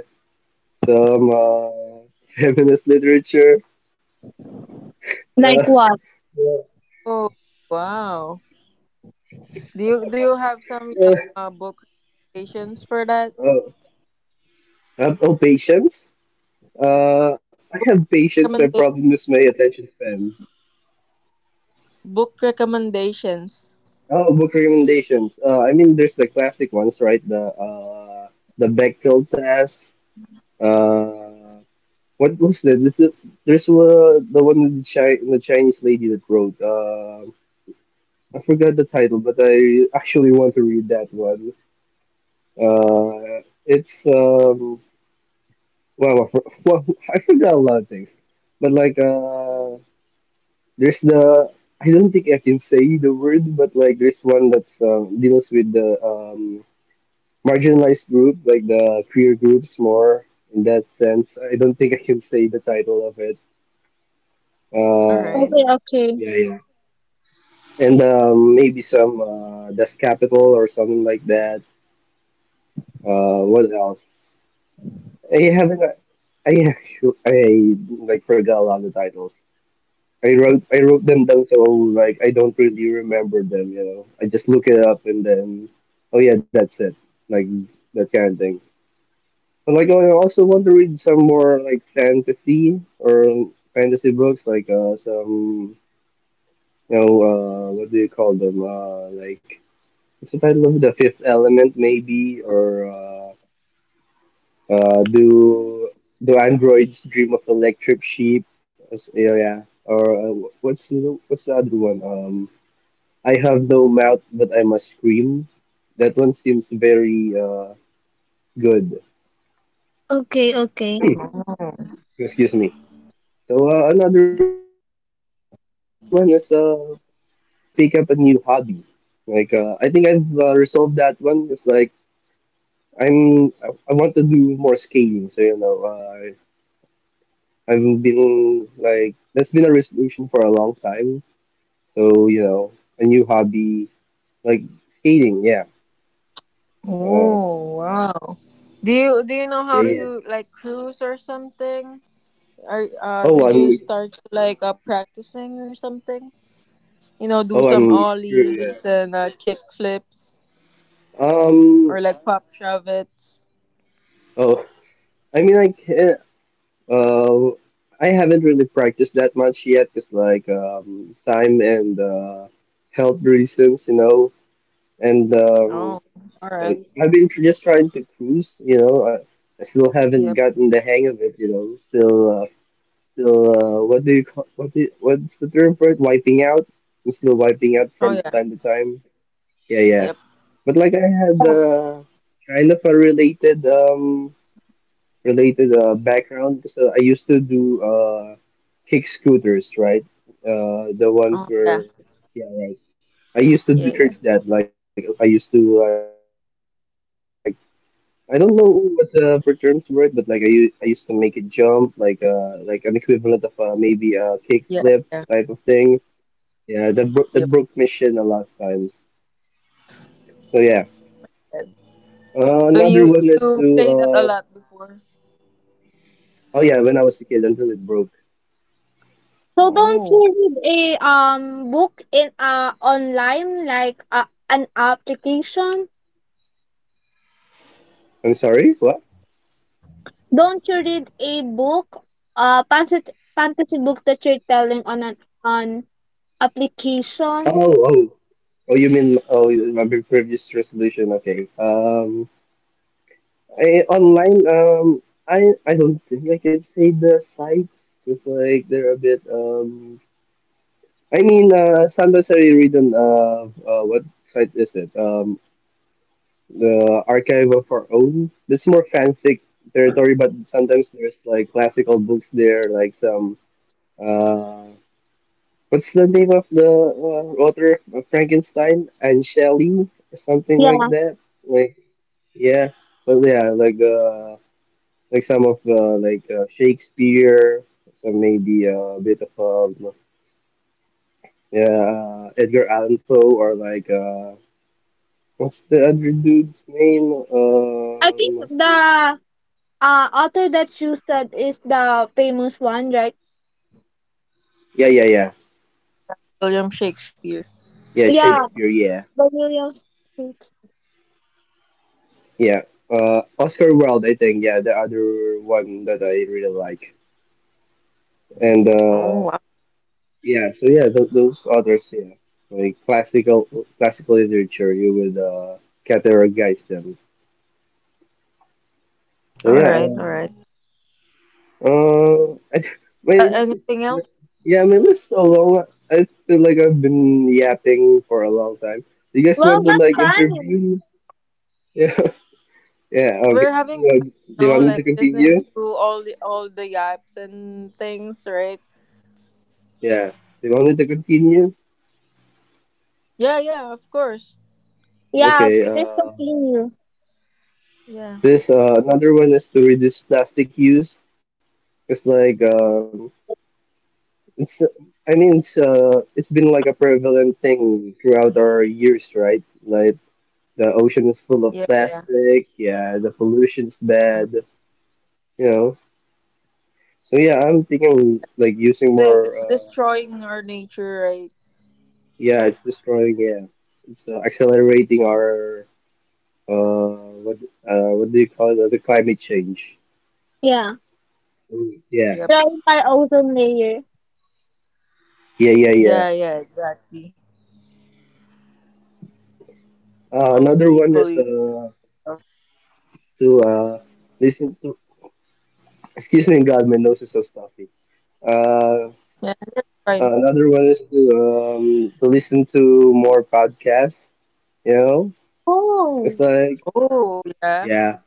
Speaker 3: some feminist literature. Uh,
Speaker 2: Like what?
Speaker 3: uh,
Speaker 1: Oh, wow. Do you have some you
Speaker 3: uh,
Speaker 1: know, book recommendations for that?
Speaker 3: oh, patience. I have patience. My
Speaker 1: Recommenda-
Speaker 3: problem is my attention span.
Speaker 1: book recommendations.
Speaker 3: Oh, book recommendations. I mean, there's the classic ones, right? The Bechtel test. Uh, what was that? There's the one with the Chinese lady that wrote. I forgot the title, but I actually want to read that one. It's well, well, I forgot a lot of things, but like there's the I don't think I can say the word, but like there's one that's deals with the marginalized group, like the queer groups more in that sense. I don't think I can say the title of it.
Speaker 1: All right.
Speaker 3: Um,
Speaker 2: Okay, okay.
Speaker 3: yeah, yeah. And maybe some dust capital or something like that. What else? I haven't. I I like forgot a lot of the titles. I wrote them down so like I don't really remember them. You know, I just look it up and then oh yeah, that's it. Like that kind of thing. But like I also want to read some more like fantasy books, like some you know what do you call them like because I love the Fifth Element, maybe, or do do androids dream of electric sheep? Yeah, yeah. Or what's the other one? I have no mouth, but I must scream. That one seems very good.
Speaker 2: Okay, okay.
Speaker 1: Oh.
Speaker 3: Excuse me. So another one is to pick up a new hobby. Like I think I've resolved that one. It's like I want to do more skating. So you know, I've been like that's been a resolution for a long time. So, you know, a new hobby like skating, yeah. Uh,
Speaker 1: Oh, wow. Do you know how
Speaker 3: yeah,
Speaker 1: to
Speaker 3: yeah.
Speaker 1: you like cruise or something? Are
Speaker 3: Oh,
Speaker 1: did you
Speaker 3: I'm
Speaker 1: start like practicing or something? You know, do
Speaker 3: oh,
Speaker 1: some
Speaker 3: I'm sure,
Speaker 1: ollies
Speaker 3: yeah.
Speaker 1: and kick flips
Speaker 3: Um,
Speaker 1: or like pop shove it.
Speaker 3: oh, I mean like uh I haven't really practiced that much yet because like time and health reasons, you know. And
Speaker 1: Oh, all
Speaker 3: so
Speaker 1: right.
Speaker 3: I've been just trying to cruise, you know. I still haven't
Speaker 1: Yep.
Speaker 3: gotten the hang of it, you know. What do you call, what's the term for it? Wiping out. I'm still wiping out
Speaker 1: Oh
Speaker 3: from
Speaker 1: yeah.
Speaker 3: time to time. Yeah, yeah.
Speaker 1: Yep.
Speaker 3: But like I had
Speaker 2: Yeah.
Speaker 3: kind of a related background so I used to do kick scooters, right? The ones
Speaker 1: Oh yeah.
Speaker 3: where yeah, right. I used to do
Speaker 1: Yeah
Speaker 3: tricks
Speaker 1: yeah
Speaker 3: that like I used to like I don't know what the proper terms for it, but like I used to make it jump, like an equivalent of maybe a kickflip type of
Speaker 1: yeah
Speaker 3: thing.
Speaker 1: yeah.
Speaker 3: Yeah, that broke my shin a lot
Speaker 1: Yep.
Speaker 3: of times. So yeah.
Speaker 1: yep.
Speaker 3: Another one
Speaker 1: So
Speaker 3: is
Speaker 1: you
Speaker 3: to
Speaker 1: you played that a lot before.
Speaker 3: oh yeah, when I was a kid until it broke.
Speaker 2: So don't
Speaker 1: Oh,
Speaker 2: you read a book in online, like an application?
Speaker 3: I'm sorry, what?
Speaker 2: Don't you read a book, fantasy book, that you're telling on an on application?
Speaker 3: Oh oh oh, you mean previous resolution? Okay. Online I don't think I can say the sites because like they're a bit. I mean, Sandoz already written what site is it? The Archive of Our Own. That's more fanfic territory, but sometimes there's like classical books there, like some uh, what's the name of the author of Frankenstein and Shelley or something
Speaker 2: Yeah.
Speaker 3: like that. Like yeah, but yeah, like some of like Shakespeare, so maybe a bit of um, yeah, Edgar Allan Poe or like. What's the other dude's name?
Speaker 2: I think the author that you said is the famous one, right?
Speaker 3: Yeah, yeah, yeah,
Speaker 1: William Shakespeare.
Speaker 3: yeah.
Speaker 2: Yeah,
Speaker 3: Shakespeare. Yeah,
Speaker 2: the William Speaks.
Speaker 3: yeah. Oscar Wilde, I think. Yeah, the other one that I really like. And
Speaker 1: Oh wow.
Speaker 3: yeah, so yeah, those others. Yeah, like classical literature. You would categorize them. So
Speaker 1: All right. All
Speaker 3: yeah.
Speaker 1: right.
Speaker 3: Uh, uh I, th- wait.
Speaker 1: Anything else?
Speaker 3: Yeah, I mean, this is so long. I feel like I've been yapping for a long time. You guys
Speaker 2: Well,
Speaker 3: want to
Speaker 2: that's
Speaker 3: like
Speaker 2: fine.
Speaker 3: intervene? Yeah.
Speaker 1: Yeah,
Speaker 3: Yeah, okay.
Speaker 1: we're having fun. You
Speaker 3: Do
Speaker 1: know,
Speaker 3: want me to
Speaker 1: like listening
Speaker 3: continue?
Speaker 1: to all the yaps and things, right?
Speaker 3: Yeah. They want me to continue?
Speaker 1: Yeah. Yeah. Of course.
Speaker 2: Yeah,
Speaker 3: Okay.
Speaker 2: please continue.
Speaker 1: Yeah.
Speaker 3: This another one is to reduce plastic use. It's like it's I mean it's been like a prevalent thing throughout our years, right? Like the ocean is full of
Speaker 1: Yeah. Yeah.
Speaker 3: plastic. Yeah, the pollution's bad.
Speaker 1: Uh-huh.
Speaker 3: You know. So yeah, I'm
Speaker 1: Yeah.
Speaker 3: thinking like using
Speaker 1: that
Speaker 3: more.
Speaker 1: it's destroying our nature, right?
Speaker 3: Yeah, it's destroying. Yeah, it's accelerating our uh what what do you call it? The climate change.
Speaker 2: Yeah,
Speaker 3: Mm, yeah,
Speaker 1: Yep.
Speaker 2: drawing by ozone layer.
Speaker 3: yeah, yeah, yeah,
Speaker 1: Yeah, yeah, exactly. Of
Speaker 3: Another
Speaker 1: the
Speaker 3: one is
Speaker 1: pollution stuff.
Speaker 3: to listen to. Excuse me, God, my nose is so stuffy. Uh,
Speaker 1: Yeah, fine.
Speaker 3: another one is to listen to more podcasts. You know, it's
Speaker 2: Oh,
Speaker 3: like
Speaker 1: Oh yeah.
Speaker 3: yeah.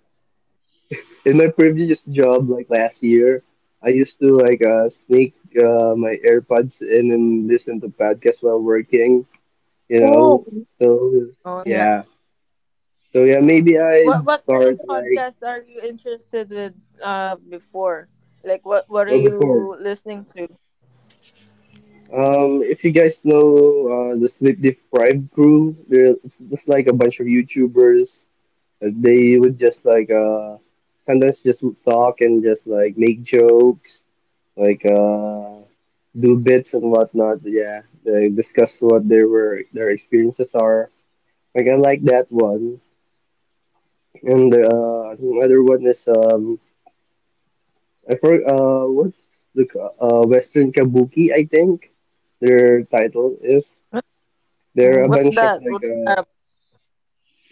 Speaker 3: In my previous job, like last year, I used to like sneak my AirPods in and listen to podcasts while working. You know,
Speaker 2: oh,
Speaker 3: so
Speaker 1: Oh yeah.
Speaker 3: yeah. So yeah, maybe
Speaker 1: What
Speaker 3: I'd
Speaker 1: what kind of
Speaker 3: start like
Speaker 1: podcasts are you interested with before? Like what are
Speaker 3: oh, before.
Speaker 1: you listening to?
Speaker 3: If you guys know the Sleep Deprived crew, they're it's just like a bunch of YouTubers. They would just like sometimes just talk and just like make jokes, like do bits and whatnot. Yeah, they discuss what their were their experiences are. Like I like that one, and another one is. I forgot, what's the Western Kabuki, I think their title is.
Speaker 1: What-
Speaker 3: They're a
Speaker 1: What's
Speaker 3: bunch of
Speaker 1: that?
Speaker 3: like
Speaker 1: What's
Speaker 3: uh,
Speaker 1: that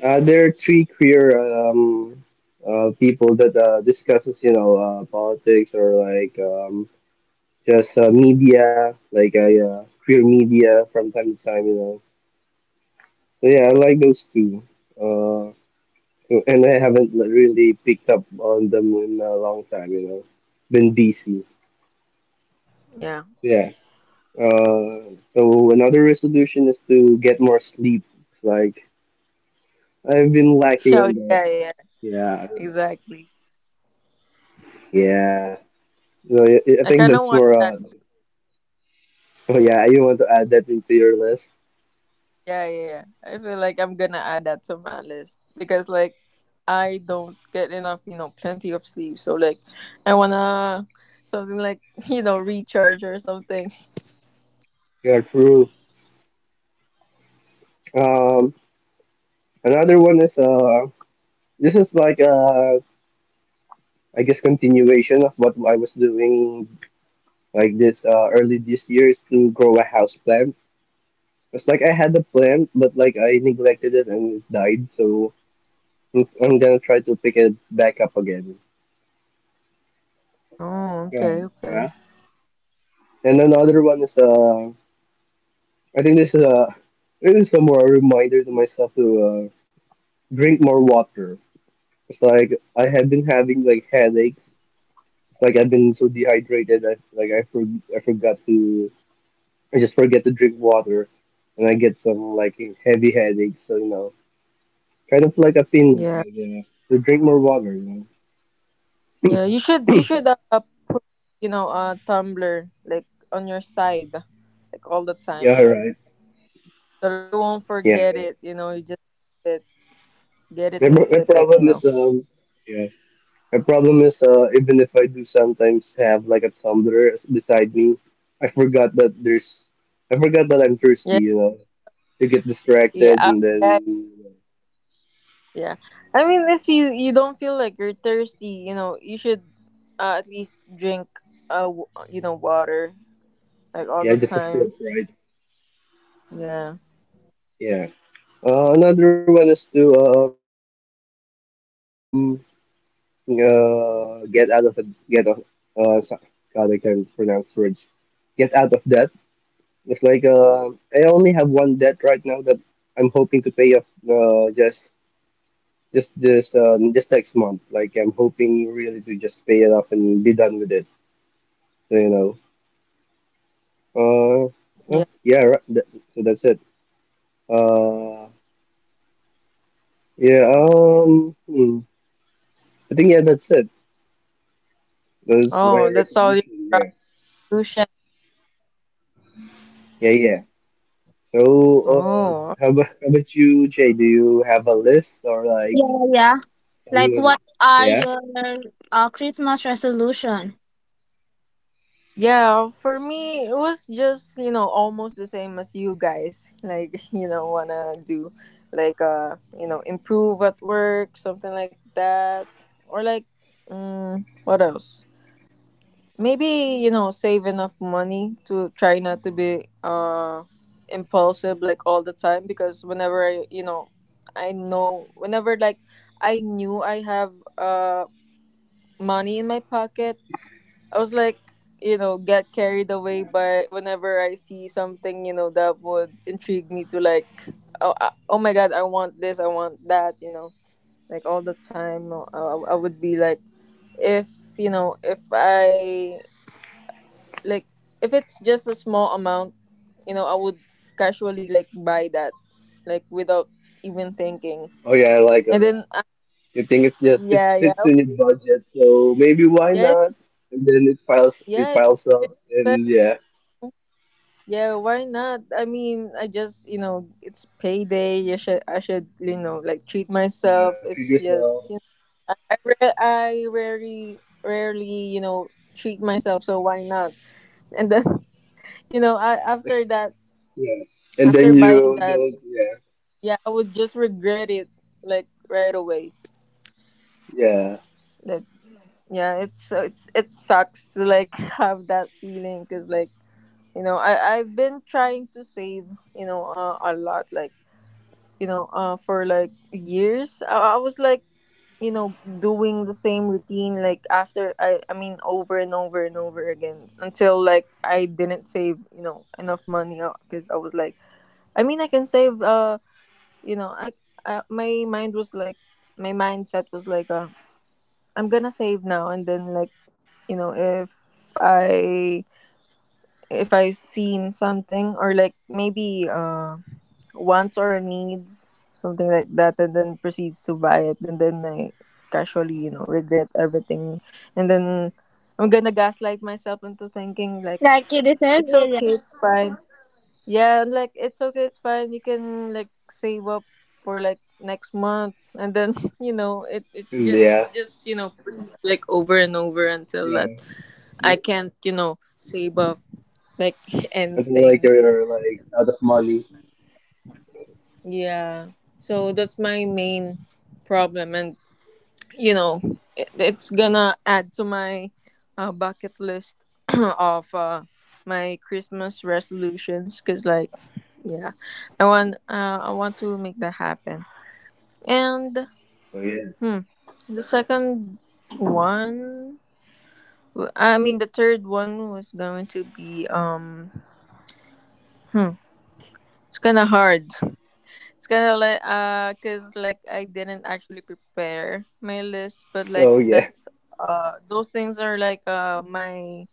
Speaker 3: uh there are three queer people that discusses politics or like just media like I yeah, queer media from time to time, you know. So yeah, I like those two. Uh, and I haven't really picked up on them in a long time, you know. Been busy.
Speaker 1: about? No. Yeah.
Speaker 3: Yeah. So another resolution is to get more sleep. It's like I've been lacking on
Speaker 1: So
Speaker 3: that.
Speaker 1: yeah, yeah,
Speaker 3: Yeah,
Speaker 1: exactly.
Speaker 3: yeah. So I
Speaker 1: I
Speaker 3: think
Speaker 1: kinda
Speaker 3: that's
Speaker 1: want
Speaker 3: more.
Speaker 1: that
Speaker 3: Oh yeah, you want to add that into your list?
Speaker 1: Yeah. I feel like I'm gonna add that to my list because like I don't get enough, you know, plenty of sleep. So like I wanna something like, you know, recharge or something.
Speaker 3: Yeah, true. Um, Another one is this is like I guess continuation of what I was doing like this early this year, is to grow a house plant. It's like I had the plant, but like I neglected it and it died. So I'm gonna try to pick it back up again.
Speaker 1: Oh, okay, okay.
Speaker 3: And another one is I think this is a it is a more reminder to myself to drink more water. It's like I have been having like headaches. It's like I've been so dehydrated. I forgot to I just forget to drink water, and I get some like heavy headaches. So you know, kind of like a feeling
Speaker 1: Yeah.
Speaker 3: like, yeah, to drink more water, you
Speaker 1: Yeah,
Speaker 3: know.
Speaker 1: you should put, you know, a tumbler like on your side like all the time
Speaker 3: Yeah, right.
Speaker 1: so that you won't
Speaker 3: Yeah.
Speaker 1: forget it, you know, you just sip it, get it
Speaker 3: My,
Speaker 1: and
Speaker 3: my
Speaker 1: sip it, you
Speaker 3: problem
Speaker 1: know.
Speaker 3: is Yeah. My problem is, even if I do sometimes have like a tumbler beside me, I forgot that there's, I forgot that I'm thirsty.
Speaker 1: Yeah.
Speaker 3: You know, you get distracted
Speaker 1: Yeah.
Speaker 3: and then,
Speaker 1: Yeah. I mean, if you you don't feel like you're thirsty, you know, you should at least drink you know water like all
Speaker 3: yeah,
Speaker 1: the
Speaker 3: just a sip,
Speaker 1: time.
Speaker 3: right?
Speaker 1: Yeah.
Speaker 3: Yeah. Another one is to get out of a get out. Uh, so- God, I can't pronounce words. Get out of debt. It's like I only have one debt right now that I'm hoping to pay off. Just next month. Like I'm hoping really to just pay it off and be done with it. So you know. Uh well,
Speaker 1: Yeah.
Speaker 3: yeah, right. That, so that's it. Uh yeah, um hmm. I think, yeah, that's it. Those my
Speaker 1: Oh, that's all your
Speaker 3: resolution, yeah.
Speaker 1: resolution.
Speaker 3: Yeah, yeah. So uh
Speaker 1: Oh.
Speaker 3: how about, you, Jay? Do you have a list or like
Speaker 2: yeah, yeah. Like,
Speaker 3: someone,
Speaker 2: what are
Speaker 3: yeah?
Speaker 2: your Christmas resolution?
Speaker 1: Yeah, for me it was just, you know, almost the same as you guys. Like, you know, wanna do like you know, improve at work, something like that. Or like mm, what else? Maybe, you know, save enough money to try not to be impulsive like all the time because whenever I, you know, I know whenever like I knew I have money in my pocket, I was like, you know, get carried away by whenever I see something, you know, that would intrigue me to like oh, oh my god, I want this, I want that, you know. Like all the time, I would be like if, you know, if I like if it's just a small amount you know I would casually like buy that like without even thinking
Speaker 3: Oh yeah,
Speaker 1: and then
Speaker 3: you think it's just, it
Speaker 1: yeah yeah
Speaker 3: fits in your budget, so maybe why
Speaker 1: yeah
Speaker 3: not? And then it piles it
Speaker 1: yeah
Speaker 3: piles up,
Speaker 1: it's 50
Speaker 3: and yeah,
Speaker 1: yeah why not I mean I just you know it's payday you should I should you know like treat
Speaker 3: yeah,
Speaker 1: myself
Speaker 3: figures
Speaker 1: it's
Speaker 3: out,
Speaker 1: just you know I rarely you know treat myself so why not and then you know after that
Speaker 3: yeah, and then
Speaker 1: after
Speaker 3: you
Speaker 1: buying that
Speaker 3: don't, yeah,
Speaker 1: Yeah, I would just regret it like right away.
Speaker 3: yeah,
Speaker 1: Like yeah, it's so it's it sucks to like have that feeling because like you know I've been trying to save you know a lot like you know for like years I was like you know doing the same routine like after over and over and over again until like I didn't save you know enough money because I was like I mean I can save you know I my mindset was like I'm gonna save now and then like you know if I seen something or like maybe wants or needs something like that and then proceeds to buy it and then I casually you know regret everything and then I'm gonna gaslight myself into thinking like
Speaker 2: Like, you deserve
Speaker 1: it's
Speaker 2: it.
Speaker 1: okay it's fine yeah, and like it's okay, it's fine. You can like save up for like next month, and then you know it. It's
Speaker 3: and yeah,
Speaker 1: just you know proceed, like over and over until that
Speaker 3: yeah,
Speaker 1: I
Speaker 3: You-
Speaker 1: can't you know save up
Speaker 3: until
Speaker 1: like
Speaker 3: like you're
Speaker 1: anything.
Speaker 3: like out of money.
Speaker 1: Yeah, so that's my main problem, and you know it, it's gonna add to my bucket list of my Christmas resolutions because like yeah, I want to make that happen. And
Speaker 3: So yeah,
Speaker 1: hmm, the second one, the third one was going to be hmm, it's kind of hard. It's kind of like cuz like I didn't actually prepare my list, but like
Speaker 3: so yeah,
Speaker 1: that's those things are like my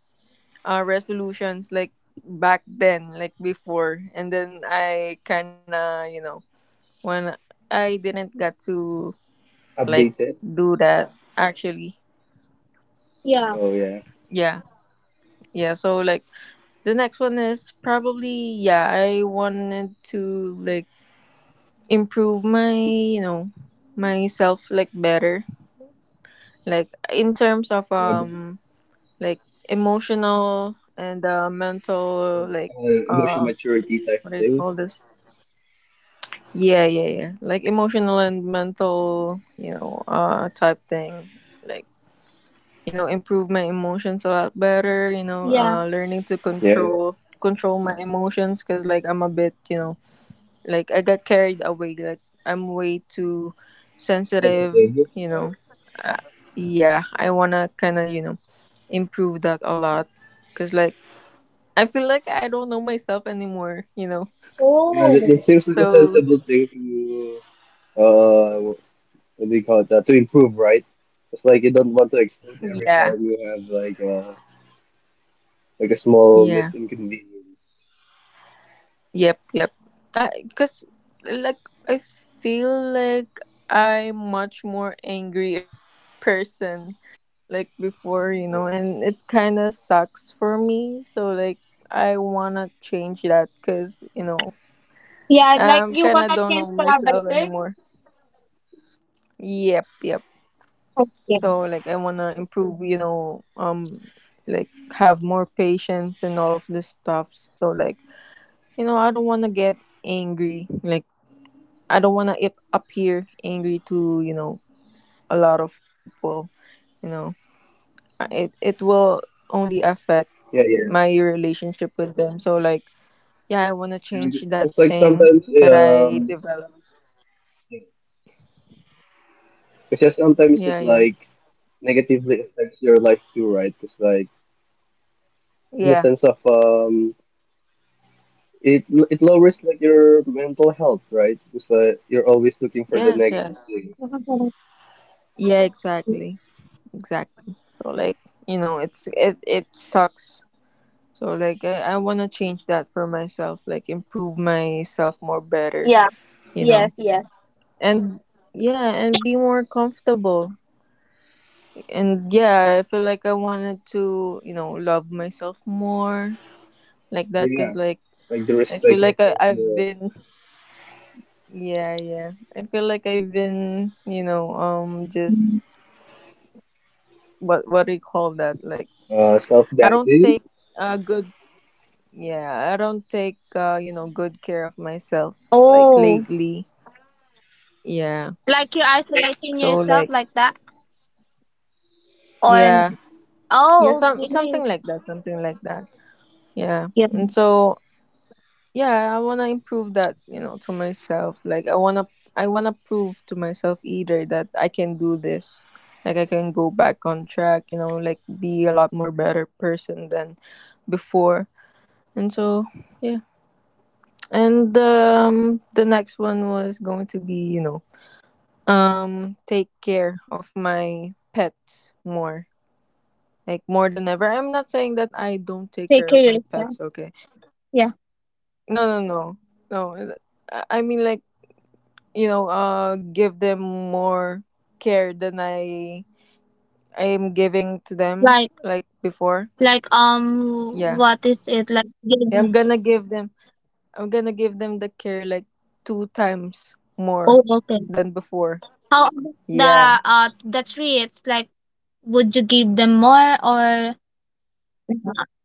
Speaker 1: resolutions like back then, like before. And then I kind of, when I didn't get to like
Speaker 3: updated, it.
Speaker 1: do that actually.
Speaker 2: Yeah, yeah,
Speaker 3: So yeah,
Speaker 1: Yeah. Yeah, so like the next one is probably yeah, I wanted to like improve my myself like better, like in
Speaker 3: yeah, but,
Speaker 1: terms of like emotional and mental, like
Speaker 3: emotional
Speaker 1: uh
Speaker 3: maturity type thing.
Speaker 1: what do you call this, yeah yeah yeah, like emotional and mental, type thing, like improve my emotions a lot better,
Speaker 2: yeah.
Speaker 1: learning to
Speaker 3: Yeah,
Speaker 1: control my emotions because like I'm a bit, like I got carried away. Like I'm way too sensitive.
Speaker 3: sensitive. Uh,
Speaker 1: You know. Uh, yeah, I wanna kind of improve that a lot. Cause like I feel like I don't know myself anymore. You know.
Speaker 3: yeah,
Speaker 2: Oh,
Speaker 3: that seems like a
Speaker 1: So
Speaker 3: sensible thing to. What do you call it, to improve, right? It's like you don't want to explode every
Speaker 1: yeah.
Speaker 3: time you have like a small
Speaker 1: Yeah.
Speaker 3: misinconvenience.
Speaker 1: Yep. Yep. Because like I feel like I'm much more angrier person like before, you know, and it kind of sucks for me. So like I wanna change that because
Speaker 2: yeah. Like,
Speaker 1: I'm
Speaker 2: you
Speaker 1: kind of
Speaker 2: wanna
Speaker 1: don't
Speaker 2: change
Speaker 1: know
Speaker 2: for a
Speaker 1: myself
Speaker 2: better.
Speaker 1: anymore. Yep, yep.
Speaker 2: Okay.
Speaker 1: So like I wanna improve, you know, like have more patience and all of this stuff. So like I don't wanna get angry. Like I don't wanna appear angry to, a lot of people, you know. It will only
Speaker 3: Yeah,
Speaker 1: affect
Speaker 3: yeah.
Speaker 1: my relationship with them. So like, yeah, I want to
Speaker 3: Yeah,
Speaker 1: change that
Speaker 3: it's like
Speaker 1: thing
Speaker 3: sometimes
Speaker 1: that I
Speaker 3: um,
Speaker 1: developed.
Speaker 3: because sometimes it
Speaker 1: Yeah, yeah.
Speaker 3: like negatively affects your life too, right? Because like in the
Speaker 1: Yeah.
Speaker 3: sense of it it lowers like your mental health, right? Because like you're always looking for the
Speaker 1: Yes,
Speaker 3: negative
Speaker 1: yes.
Speaker 3: things.
Speaker 1: Yeah, exactly. Exactly. So like, you know, it sucks. So like I wanna change that for myself, like improve myself more better,
Speaker 2: Yeah.
Speaker 1: you know.
Speaker 2: Yes. Yes.
Speaker 1: And yeah, and be more comfortable. And yeah, I feel like I wanted to, you know, love myself more like that because like
Speaker 3: Yeah,
Speaker 1: I
Speaker 3: like
Speaker 1: feel
Speaker 3: the
Speaker 1: like
Speaker 3: respect
Speaker 1: I've
Speaker 3: of
Speaker 1: been
Speaker 3: the
Speaker 1: yeah yeah, I feel like I've been, just what do you call that, like I
Speaker 3: self
Speaker 1: don't take
Speaker 3: doubting
Speaker 1: good yeah, I don't take, good care of myself like
Speaker 2: Oh.
Speaker 1: lately, yeah.
Speaker 2: Like you're isolating
Speaker 1: So
Speaker 2: yourself
Speaker 1: like
Speaker 2: like that? Or
Speaker 1: yeah yeah,
Speaker 2: oh,
Speaker 1: some
Speaker 2: okay.
Speaker 1: something like that, something like that, yeah.
Speaker 2: Yeah.
Speaker 1: And so yeah, I want to improve that, to myself, like I want to I want to prove to myself either that I can do this, like I can go back on track, you know, like be a lot more better person than before. And so yeah. And the next one was going to be, take care of my pets more, like more than ever. I'm not saying that I don't take
Speaker 2: Take
Speaker 1: care
Speaker 2: care
Speaker 1: of my
Speaker 2: yourself.
Speaker 1: pets, okay?
Speaker 2: Yeah.
Speaker 1: No no no, no, I mean like, give them more care than I am giving to them
Speaker 2: Like
Speaker 1: like before,
Speaker 2: like
Speaker 1: yeah.
Speaker 2: what is it, like
Speaker 1: Yeah,
Speaker 2: giving?
Speaker 1: I'm gonna give them I'm gonna give them the care like two times more
Speaker 2: Oh, okay.
Speaker 1: than before,
Speaker 2: How about
Speaker 1: yeah.
Speaker 2: the the treats, like, would you give them more, or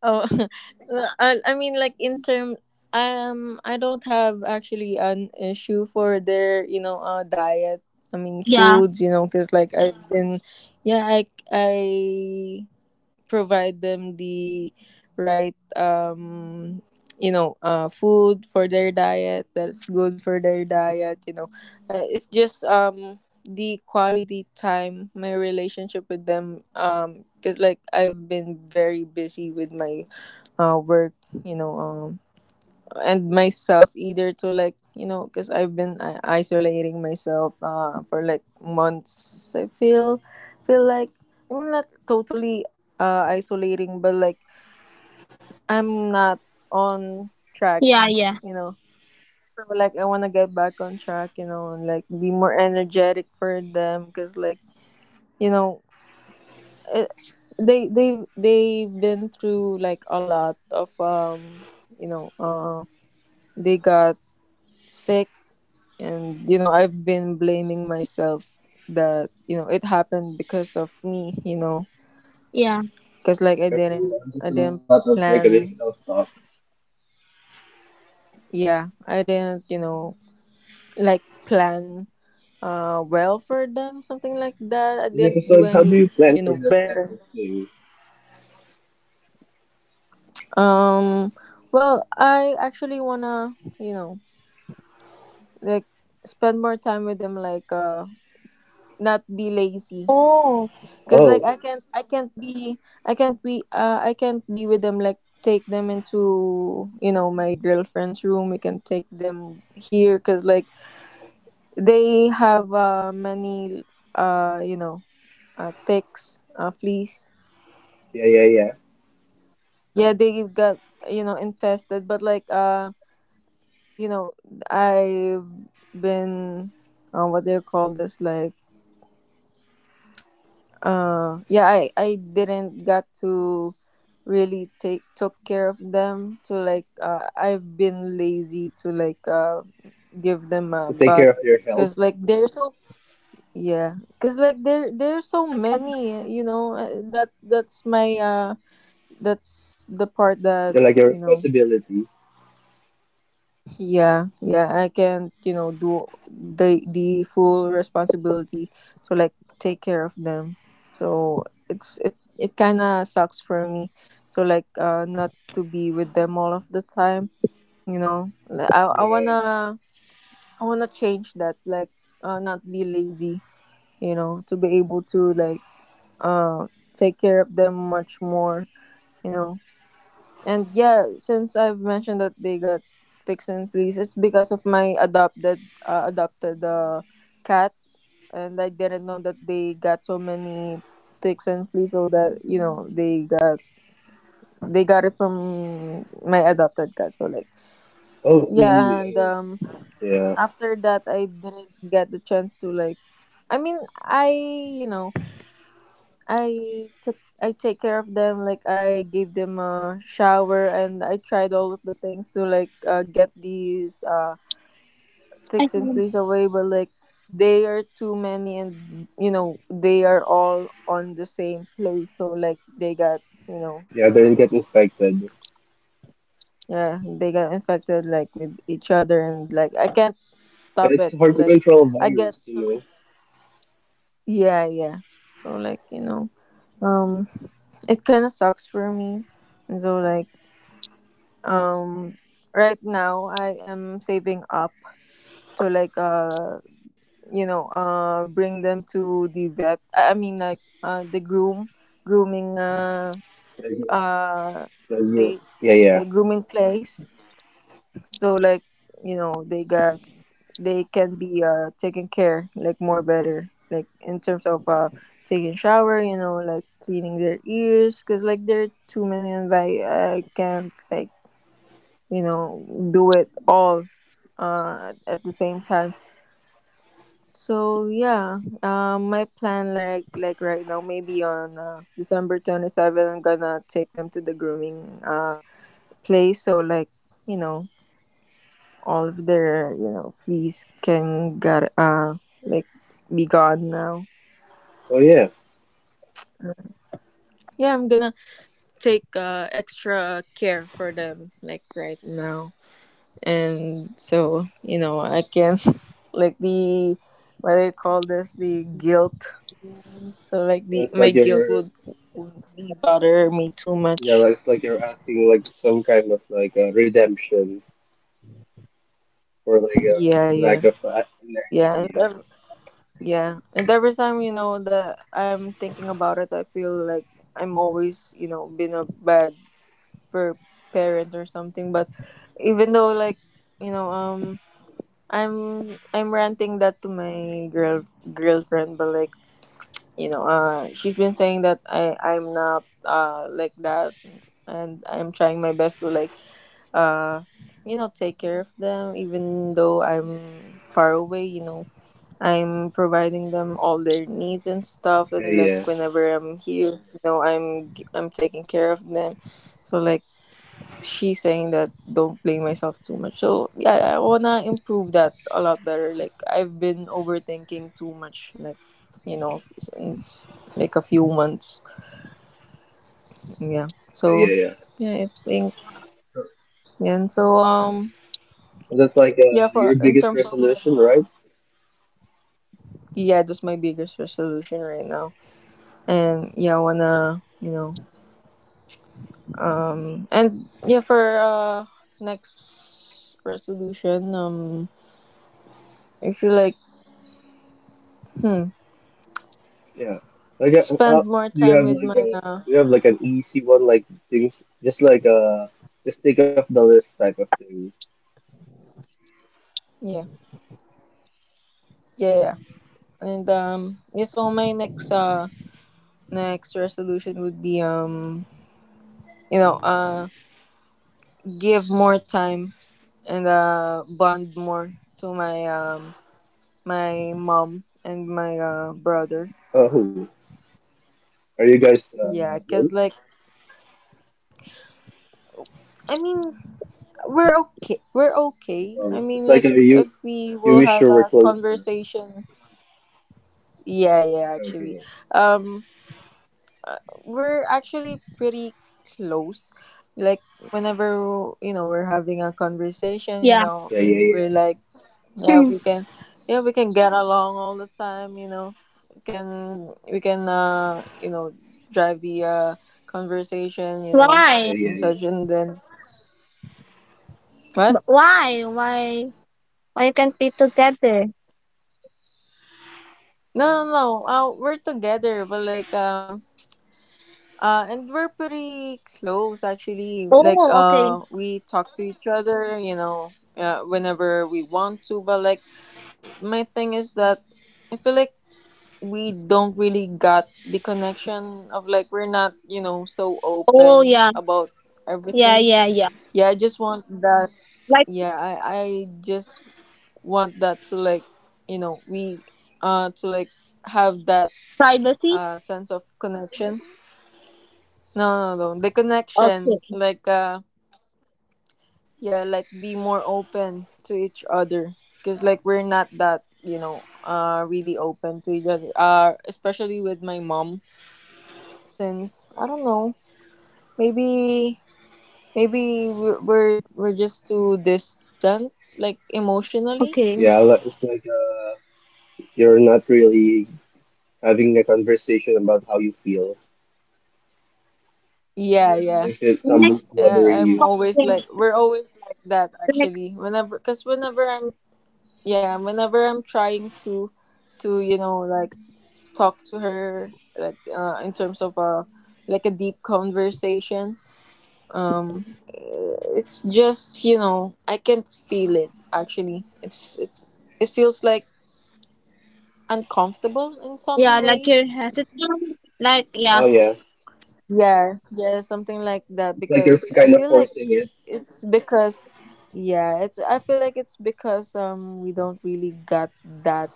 Speaker 1: Oh I mean like in term, I don't have actually an issue for their, diet, I mean
Speaker 2: yeah?
Speaker 1: foods, you know, because like I've been, yeah, I provide them the right food for their diet, that's good for their diet, you know. It's just the quality time, my relationship with them, because like I've been very busy with my work, you know. And myself either to, like, you know, because I've been isolating myself for like months. I feel like I'm not totally isolating, but like I'm not on track
Speaker 2: Yeah, yeah.
Speaker 1: you know. So like I want to get back on track, you know, and like be more energetic for them because like, you know, they they've been through like a lot of, you know, they got sick. And you know I've been blaming myself that, you know, it happened because of me, you know,
Speaker 2: Yeah.
Speaker 1: because like
Speaker 4: Yes, I'm just a
Speaker 1: I
Speaker 4: lot of
Speaker 1: didn't
Speaker 4: like additional
Speaker 1: plan,
Speaker 4: stuff.
Speaker 1: yeah, I didn't, you know, like plan well for them, something like that. I
Speaker 4: Like, so
Speaker 1: didn't
Speaker 4: like, how
Speaker 1: do
Speaker 4: do you
Speaker 1: any,
Speaker 4: plan for
Speaker 1: you know,
Speaker 4: that type of
Speaker 1: better.
Speaker 4: thing?
Speaker 1: um well, I actually wanna, you know, like spend more time with them, like not be lazy,
Speaker 2: Oh,
Speaker 1: because
Speaker 4: Oh,
Speaker 1: like I can't be I can't be with them, like take them into, you know, my girlfriend's room. We can take them here because like they have many uh you know ticks, fleas.
Speaker 4: yeah, yeah, yeah.
Speaker 1: Yeah, they got, you know, infested. But like, you know, I've been what do you call this, like yeah, I didn't got to really take took care of them to, like I've been lazy to like give them
Speaker 4: To
Speaker 1: a
Speaker 4: take care
Speaker 1: bath
Speaker 4: of your health,
Speaker 1: because like they're so, yeah, because like there's so
Speaker 2: okay.
Speaker 1: many, you know. That's my that's the part that,
Speaker 4: yeah, like your
Speaker 1: you know.
Speaker 4: responsibility.
Speaker 1: Yeah, yeah, I can, you know, do the full responsibility to like take care of them. So it kind of sucks for me to like not to be with them all of the time, you know. Like,
Speaker 4: Yeah.
Speaker 1: I want to change that, like not be lazy, you know, to be able to like uh take care of them much more, you know. And yeah, since I've mentioned that they got ticks and fleas, it's because of my adopted cat, and I didn't know that they got so many ticks and fleas. So that, you know, they got it from my adopted cat. So like
Speaker 4: Oh, mm,
Speaker 1: yeah. And
Speaker 4: mm, yeah,
Speaker 1: after that I didn't get the chance to like. I mean, I you know I take care of them, like I gave them a shower and I tried all of the things to like get these
Speaker 2: I
Speaker 1: ticks and
Speaker 2: see.
Speaker 1: fleas away, but like they are too many, and you know they are all on the same place, so like they got, you know,
Speaker 4: yeah. They get infected, and
Speaker 1: yeah, they got infected, like with each other, and like I can't stop
Speaker 4: it's
Speaker 1: it,
Speaker 4: hard to
Speaker 1: like
Speaker 4: control a
Speaker 1: I get
Speaker 4: virus,
Speaker 1: so, yeah yeah. So like, you know, um it kind of sucks for me. And so like um right now I am saving up to like you know bring them to the vet. I mean like the grooming,
Speaker 4: Like,
Speaker 1: f- uh
Speaker 4: it's like you,
Speaker 1: state,
Speaker 4: yeah,
Speaker 1: the
Speaker 4: yeah.
Speaker 1: grooming place, so like, you know, they can be taken care like more better, like in terms of taking shower, you know, like cleaning their ears, because like they're too many and I can't like, you know, do it all at the same time. So yeah, my plan, like right now, maybe on December 27th I'm gonna take them to the grooming place, so like, you know, all of their, you know, fleas can get like be gone now.
Speaker 4: Oh yeah,
Speaker 1: Yeah, I'm gonna take extra care for them like right now. And so you know I can like the, what do you call this, the guilt. So like the
Speaker 4: it's
Speaker 1: my
Speaker 4: like
Speaker 1: guilt
Speaker 4: you're,
Speaker 1: would be bother me too
Speaker 4: yeah,
Speaker 1: much,
Speaker 4: like it's like you're acting like some kind of like a redemption for like a
Speaker 1: yeah yeah.
Speaker 4: lack of an
Speaker 1: Yeah,
Speaker 4: action.
Speaker 1: yeah, and every time, you know, that I'm thinking about it, I feel like I'm always, you know, been a bad for parent or something. But even though like, you know, I'm ranting that to my girlfriend, but like, you know, she's been saying that I'm not like that. And I'm trying my best to like uh you know take care of them even though I'm far away, you know. I'm providing them all their needs and stuff,
Speaker 4: Yeah,
Speaker 1: and like
Speaker 4: yeah,
Speaker 1: whenever I'm here, you know, I'm taking care of them, so like she's saying that don't blame myself too much. So yeah, I wanna improve that a lot better. Like I've been overthinking too much, like you know, since like a few months. Yeah.
Speaker 4: yeah,
Speaker 1: So
Speaker 4: yeah, yeah.
Speaker 1: yeah, I think yeah. And so
Speaker 4: That's like
Speaker 1: yeah, for
Speaker 4: your
Speaker 1: in
Speaker 4: biggest
Speaker 1: terms of like,
Speaker 4: resolution, right?
Speaker 1: yeah, that's my biggest resolution right now. And yeah, I wanna you know and yeah for next resolution, I feel like hmm,
Speaker 4: Yeah. Like,
Speaker 1: spend
Speaker 4: how
Speaker 1: more
Speaker 4: do you
Speaker 1: time
Speaker 4: have
Speaker 1: with
Speaker 4: like
Speaker 1: my
Speaker 4: a do you have like an easy one, like things just like just take off the list type of thing.
Speaker 1: yeah yeah yeah yeah. And yeah, so my next resolution would be, you know, give more time and bond more to my my mom and my brother.
Speaker 4: Oh, are you guys
Speaker 1: Yeah, cause
Speaker 4: close?
Speaker 1: like I mean we're okay, we're okay. I
Speaker 4: Oh, it's
Speaker 1: mean
Speaker 4: like
Speaker 1: like
Speaker 4: you
Speaker 1: if we
Speaker 4: you
Speaker 1: will
Speaker 4: wish
Speaker 1: have
Speaker 4: you were
Speaker 1: a
Speaker 4: closer.
Speaker 1: conversation, yeah yeah actually.
Speaker 4: Okay.
Speaker 1: um we're actually pretty close. Like whenever, you know, we're having a conversation, you
Speaker 2: Yeah.
Speaker 1: know,
Speaker 4: Yeah, yeah, yeah,
Speaker 1: we're like, yeah, we can, yeah, we can get along all the time. You know, can we can you know drive the conversation. You know,
Speaker 2: Why?
Speaker 4: yeah,
Speaker 1: and
Speaker 4: yeah, yeah.
Speaker 1: such, and then what?
Speaker 2: But why? Why? Why you can't be together?
Speaker 1: No no no. We're together, but like and we're pretty close actually. Like
Speaker 2: Oh, okay.
Speaker 1: we talk to each other, you know, whenever we want to. But like my thing is that I feel like we don't really got the connection of like we're not, you know, so
Speaker 2: Oh,
Speaker 1: open
Speaker 2: yeah,
Speaker 1: about
Speaker 2: yeah,
Speaker 1: everything.
Speaker 2: yeah, yeah.
Speaker 1: Yeah, I just want that.
Speaker 2: Like
Speaker 1: Yeah, I just want that to like, you know, we to like have that
Speaker 2: privacy.
Speaker 1: sense of connection. No, no, no. The connection,
Speaker 2: Okay,
Speaker 1: like, yeah, like be more open to each other, cause like we're not that, you know, really open to each other. Especially with my mom, since I don't know, maybe, maybe we're just too distant, like emotionally.
Speaker 2: okay.
Speaker 4: Yeah, li- it's like you're not really having a conversation about how you feel.
Speaker 1: Yeah,
Speaker 4: Yeah,
Speaker 1: yeah.
Speaker 4: if it's
Speaker 2: The next
Speaker 4: someone's bothering
Speaker 1: Yeah, I'm
Speaker 4: you.
Speaker 1: always
Speaker 2: question.
Speaker 1: like we're always like that
Speaker 2: The next.
Speaker 1: actually. Whenever, cause whenever whenever I'm trying to you know like talk to her like in terms of a like a deep conversation. um it's just you know I can feel it actually. It's it feels like uncomfortable in
Speaker 2: Yeah,
Speaker 1: some
Speaker 2: like you're
Speaker 1: ways.
Speaker 4: Oh yeah,
Speaker 2: hesitant. Like, yeah,
Speaker 1: Yeah,
Speaker 4: it's like
Speaker 1: yeah,
Speaker 4: you're kind
Speaker 1: something
Speaker 4: of
Speaker 1: like
Speaker 4: forcing
Speaker 1: that
Speaker 4: it.
Speaker 1: because I feel like it's because yeah, it's I feel like it's because we don't really got that.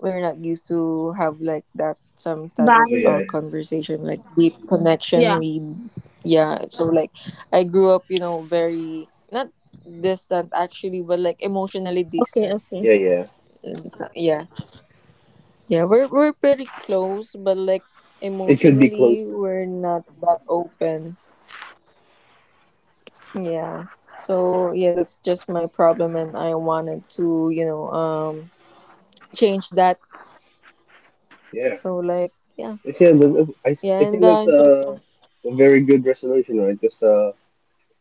Speaker 1: We're not used to have like that some
Speaker 4: Oh yeah,
Speaker 1: type
Speaker 4: yeah.
Speaker 1: of
Speaker 2: band.
Speaker 1: conversation, like deep connection.
Speaker 2: Yeah.
Speaker 1: We Yeah, so like I grew up you know very not distant actually, but like emotionally
Speaker 2: Okay,
Speaker 1: distant.
Speaker 4: Yeah,
Speaker 2: okay.
Speaker 4: yeah.
Speaker 1: Yeah, yeah, we're pretty close but like
Speaker 4: It could be closer.
Speaker 1: emotionally we're not that open. Yeah. So yeah, that's just my problem and I wanted to, you know, change that.
Speaker 4: Yeah.
Speaker 1: So like yeah.
Speaker 4: But yeah, the, I, s-
Speaker 1: Yeah,
Speaker 4: I
Speaker 1: and
Speaker 4: think that's
Speaker 1: in terms of
Speaker 4: a very good resolution, right? Just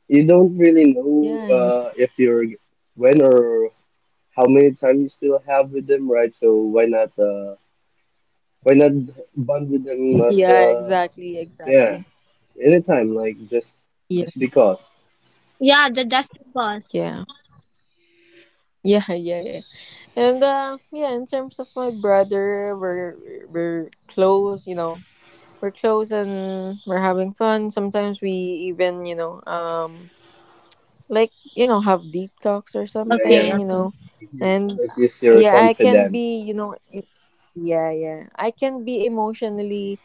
Speaker 4: you don't really know
Speaker 1: yeah, and
Speaker 4: if you're when or how many time you still have with them, right? So why not bond with them as
Speaker 1: yeah, exactly,
Speaker 4: yeah
Speaker 1: exactly.
Speaker 4: anytime, like just
Speaker 1: Yeah.
Speaker 4: because.
Speaker 2: Yeah, the just because.
Speaker 1: Yeah. Yeah, yeah, yeah. And yeah, in terms of my brother, we're close, you know. We're close and we're having fun. Sometimes we even, you know, like you know have deep talks or
Speaker 4: Yeah,
Speaker 2: Okay,
Speaker 4: yeah.
Speaker 1: something, you
Speaker 2: okay.
Speaker 1: know.
Speaker 4: If you
Speaker 1: And
Speaker 4: like if you're
Speaker 1: yeah, I can
Speaker 4: confident,
Speaker 1: be, you know, yeah, yeah, I can be emotionally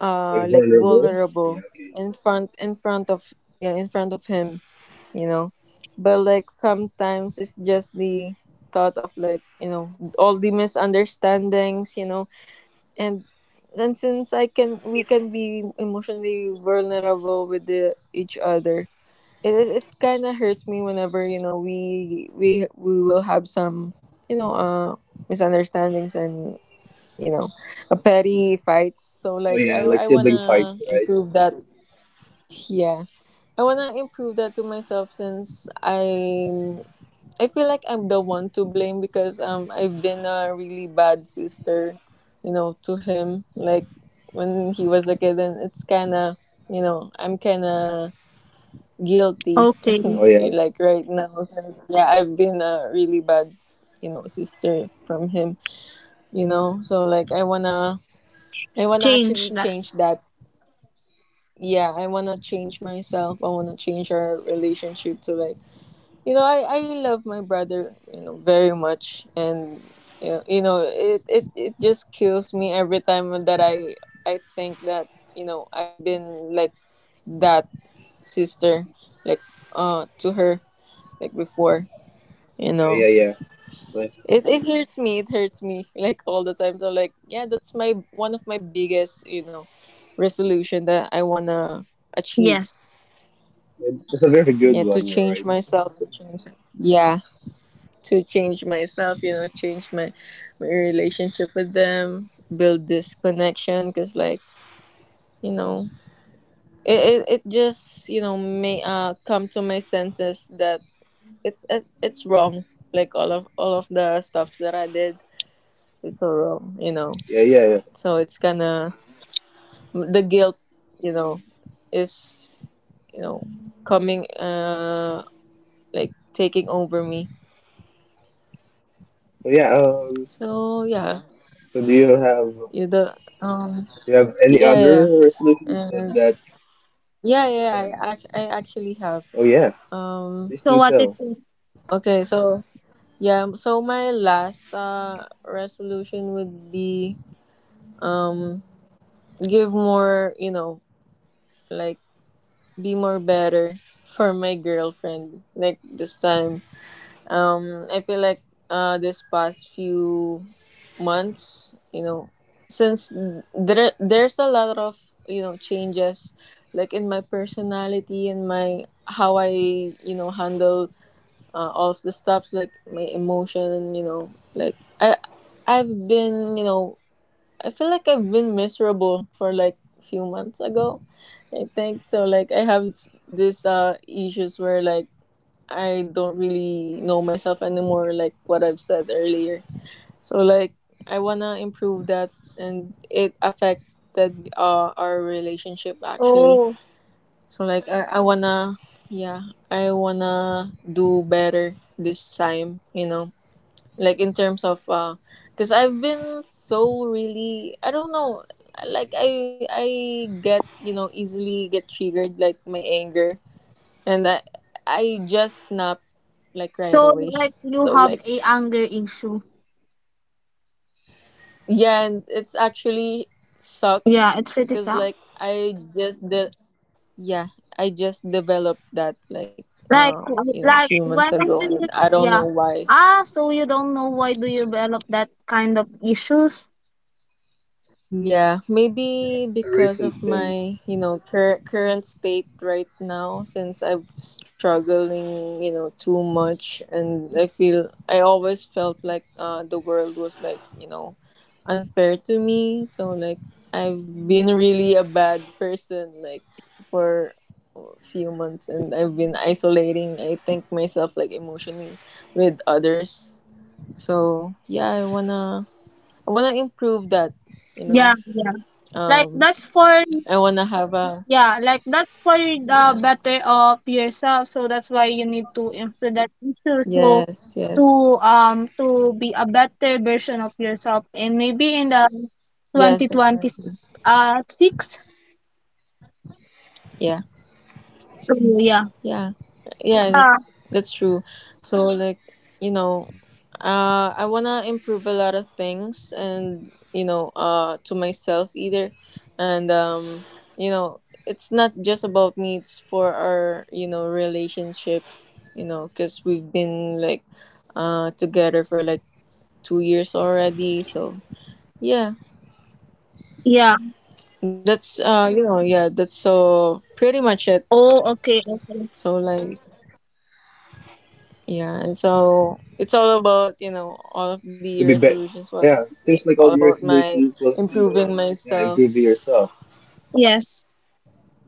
Speaker 4: like
Speaker 1: like
Speaker 4: vulnerable. Yeah,
Speaker 1: vulnerable
Speaker 4: okay.
Speaker 1: in front, in front of yeah in front of him, you know. But like sometimes it's just the thought of like, you know, all the misunderstandings, you know. and and since I can we can be emotionally vulnerable with the, each other, it kind of hurts me whenever, you know, we will have some, you know, misunderstandings and, you know, a petty fights.
Speaker 4: Oh
Speaker 1: So
Speaker 4: yeah,
Speaker 1: like
Speaker 4: like
Speaker 1: I
Speaker 4: sibling fights,
Speaker 1: wanna
Speaker 4: right?
Speaker 1: improve that. Yeah, I wanna improve that to myself, since I feel like I'm the one to blame because I've been a really bad sister, you know, to him, like when he was a kid, and it's kind of, you know, I'm kind of guilty
Speaker 2: Okay.
Speaker 4: Oh yeah,
Speaker 1: like right now, since yeah, I've been a really bad, you know, sister from him, you know. So like I wanna, I wanna
Speaker 2: Change
Speaker 1: actually
Speaker 2: that.
Speaker 1: change that. Yeah, I wanna change myself, I wanna change our relationship to like, you know, I love my brother, you know, very much. And you know it just kills me every time that I think that, you know, I've been like that sister, like to her, like before, you know.
Speaker 4: yeah, yeah, yeah.
Speaker 1: It hurts me, it hurts me like all the time. So like yeah, that's my one of my biggest, you know, resolution that I want to achieve.
Speaker 2: Yes.
Speaker 4: It's a very good
Speaker 1: Yeah, to
Speaker 4: one, right?
Speaker 1: change myself, to change yeah, to change myself, you know, change my my relationship with them, build this connection, because like, you know, it just, you know, may come to my senses that it's wrong, like all of the stuff that I did. It's all wrong, you know.
Speaker 4: Yeah, yeah, yeah.
Speaker 1: So it's gonna the guilt, you know, is, you know, coming like taking over me.
Speaker 4: So yeah,
Speaker 1: So yeah,
Speaker 4: so do you have do
Speaker 1: you the um
Speaker 4: you have any
Speaker 1: yeah, yeah, yeah,
Speaker 4: other resolutions
Speaker 1: and
Speaker 4: that?
Speaker 1: yeah, yeah, yeah, I I actually have
Speaker 4: Oh yeah,
Speaker 1: um
Speaker 4: please
Speaker 2: So
Speaker 4: do
Speaker 2: what it
Speaker 4: tell.
Speaker 2: is?
Speaker 1: okay, so yeah, so my last resolution would be um give more, you know, like be more better for my girlfriend like this time. I feel like this past few months, you know, since there's a lot of, you know, changes like in my personality and my how I, you know, handle all of the stuffs, like my emotion, you know. Like I I've been, you know, I feel like I've been miserable for like few months ago, I think. So like I have this issues where like I don't really know myself anymore, like what I've said earlier. So like I wanna improve that, and it affected our relationship actually.
Speaker 2: Oh,
Speaker 1: So like I wanna yeah, I wanna do better this time, you know, like in terms of cause I've been so really I don't know, like I get, you know, easily get triggered, like my anger. And I just snapped like right
Speaker 2: so
Speaker 1: away.
Speaker 2: like you
Speaker 1: So
Speaker 2: have
Speaker 1: like
Speaker 2: a anger issue.
Speaker 1: yeah, and it's actually
Speaker 2: Yeah,
Speaker 1: sucks
Speaker 2: it's pretty
Speaker 1: because
Speaker 2: sad.
Speaker 1: like yeah I just developed that like
Speaker 2: Like,
Speaker 1: uh you know a
Speaker 2: like
Speaker 1: few months
Speaker 2: when
Speaker 1: ago,
Speaker 2: do
Speaker 1: and
Speaker 2: you?
Speaker 1: I don't know
Speaker 2: Yeah.
Speaker 1: why.
Speaker 2: Ah, so you don't know why do you develop that kind of issues?
Speaker 1: Yeah,
Speaker 4: A recent
Speaker 1: maybe
Speaker 4: thing
Speaker 1: because of my, you know, current state right now, since I'm struggling, you know, too much. And I feel I always felt like the world was like, you know, unfair to me. So like I've been really a bad person like for a few months, and I've been isolating I think myself like emotionally with others. So, yeah, I want to improve that, you know.
Speaker 2: Yeah, yeah. Like
Speaker 1: Um,
Speaker 2: that's for
Speaker 1: I wanna have a
Speaker 2: Yeah, like that's for
Speaker 1: yeah.
Speaker 2: the better of yourself. So that's why you need to improve that issue. So
Speaker 1: Yes, yes,
Speaker 2: to to be a better version of yourself, and maybe in the
Speaker 1: yes,
Speaker 2: twenty twenty
Speaker 1: exactly.
Speaker 2: six.
Speaker 1: Yeah,
Speaker 2: So yeah.
Speaker 1: yeah, yeah.
Speaker 2: Uh,
Speaker 1: That's true. So like, you know, I wanna improve a lot of things, and you know, to myself either, and you know, it's not just about me. It's for our you know relationship, you know, because we've been like, together for like 2 years already. So yeah.
Speaker 2: yeah.
Speaker 1: That's you know yeah, that's so pretty much it.
Speaker 2: Oh, okay, okay.
Speaker 1: So like yeah, and so it's all about, you know, all of
Speaker 4: to be
Speaker 1: the
Speaker 4: better.
Speaker 1: resolutions
Speaker 4: Yeah,
Speaker 1: was
Speaker 4: seems
Speaker 1: like
Speaker 4: like all
Speaker 1: all
Speaker 4: your
Speaker 1: about my
Speaker 4: resolutions was to
Speaker 1: improving
Speaker 4: yeah
Speaker 1: myself.
Speaker 4: improve yourself.
Speaker 2: Yes.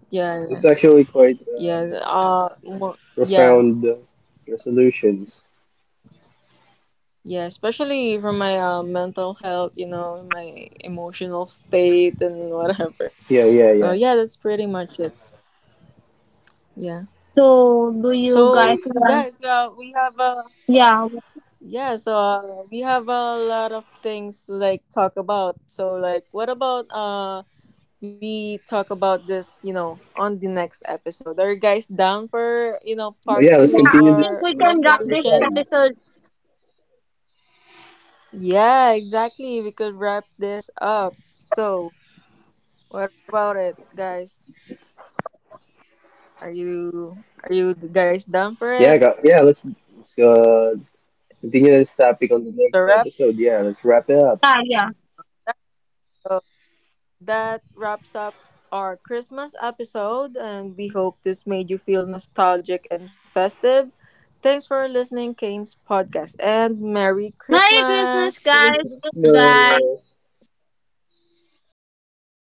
Speaker 1: Yeah,
Speaker 4: It's
Speaker 1: yeah,
Speaker 4: actually quite
Speaker 1: yeah, yeah,
Speaker 4: profound resolutions.
Speaker 1: yeah, especially for my mental health, you know, my emotional state and whatever.
Speaker 4: Yeah, yeah,
Speaker 1: So
Speaker 4: yeah.
Speaker 1: yeah, that's pretty much it. Yeah.
Speaker 2: So do you
Speaker 1: So
Speaker 2: guys
Speaker 4: Mm,
Speaker 1: guys
Speaker 2: want?
Speaker 1: we have
Speaker 2: Yeah, yeah,
Speaker 1: yeah, so we have a lot of things to like talk about. So like what about we talk about this, you know, on the next episode. Are you guys down for, you
Speaker 4: oh
Speaker 1: know,
Speaker 4: yeah, let's
Speaker 1: part
Speaker 2: yeah,
Speaker 4: continue
Speaker 1: 2 of
Speaker 2: I
Speaker 4: this
Speaker 2: think
Speaker 1: our
Speaker 2: we can
Speaker 4: another
Speaker 2: wrap this
Speaker 4: time.
Speaker 1: resolution?
Speaker 2: episode.
Speaker 1: Yeah, exactly. We could wrap this up. So, what about it, guys? Are you guys down for
Speaker 4: Yeah, I
Speaker 1: it?
Speaker 4: got yeah. Let's go. Continue this topic on the
Speaker 1: So
Speaker 4: next
Speaker 1: wrap
Speaker 4: episode. Yeah, let's wrap it up.
Speaker 2: Yeah, yeah.
Speaker 1: it up. That wraps up our Christmas episode, and we hope this made you feel nostalgic and festive. Thanks for listening, Kane's podcast, and Merry
Speaker 2: Merry Christmas,
Speaker 1: Christmas!
Speaker 4: Merry
Speaker 2: guys. Goodbye.
Speaker 4: Christmas.
Speaker 2: Goodbye.
Speaker 1: Goodbye.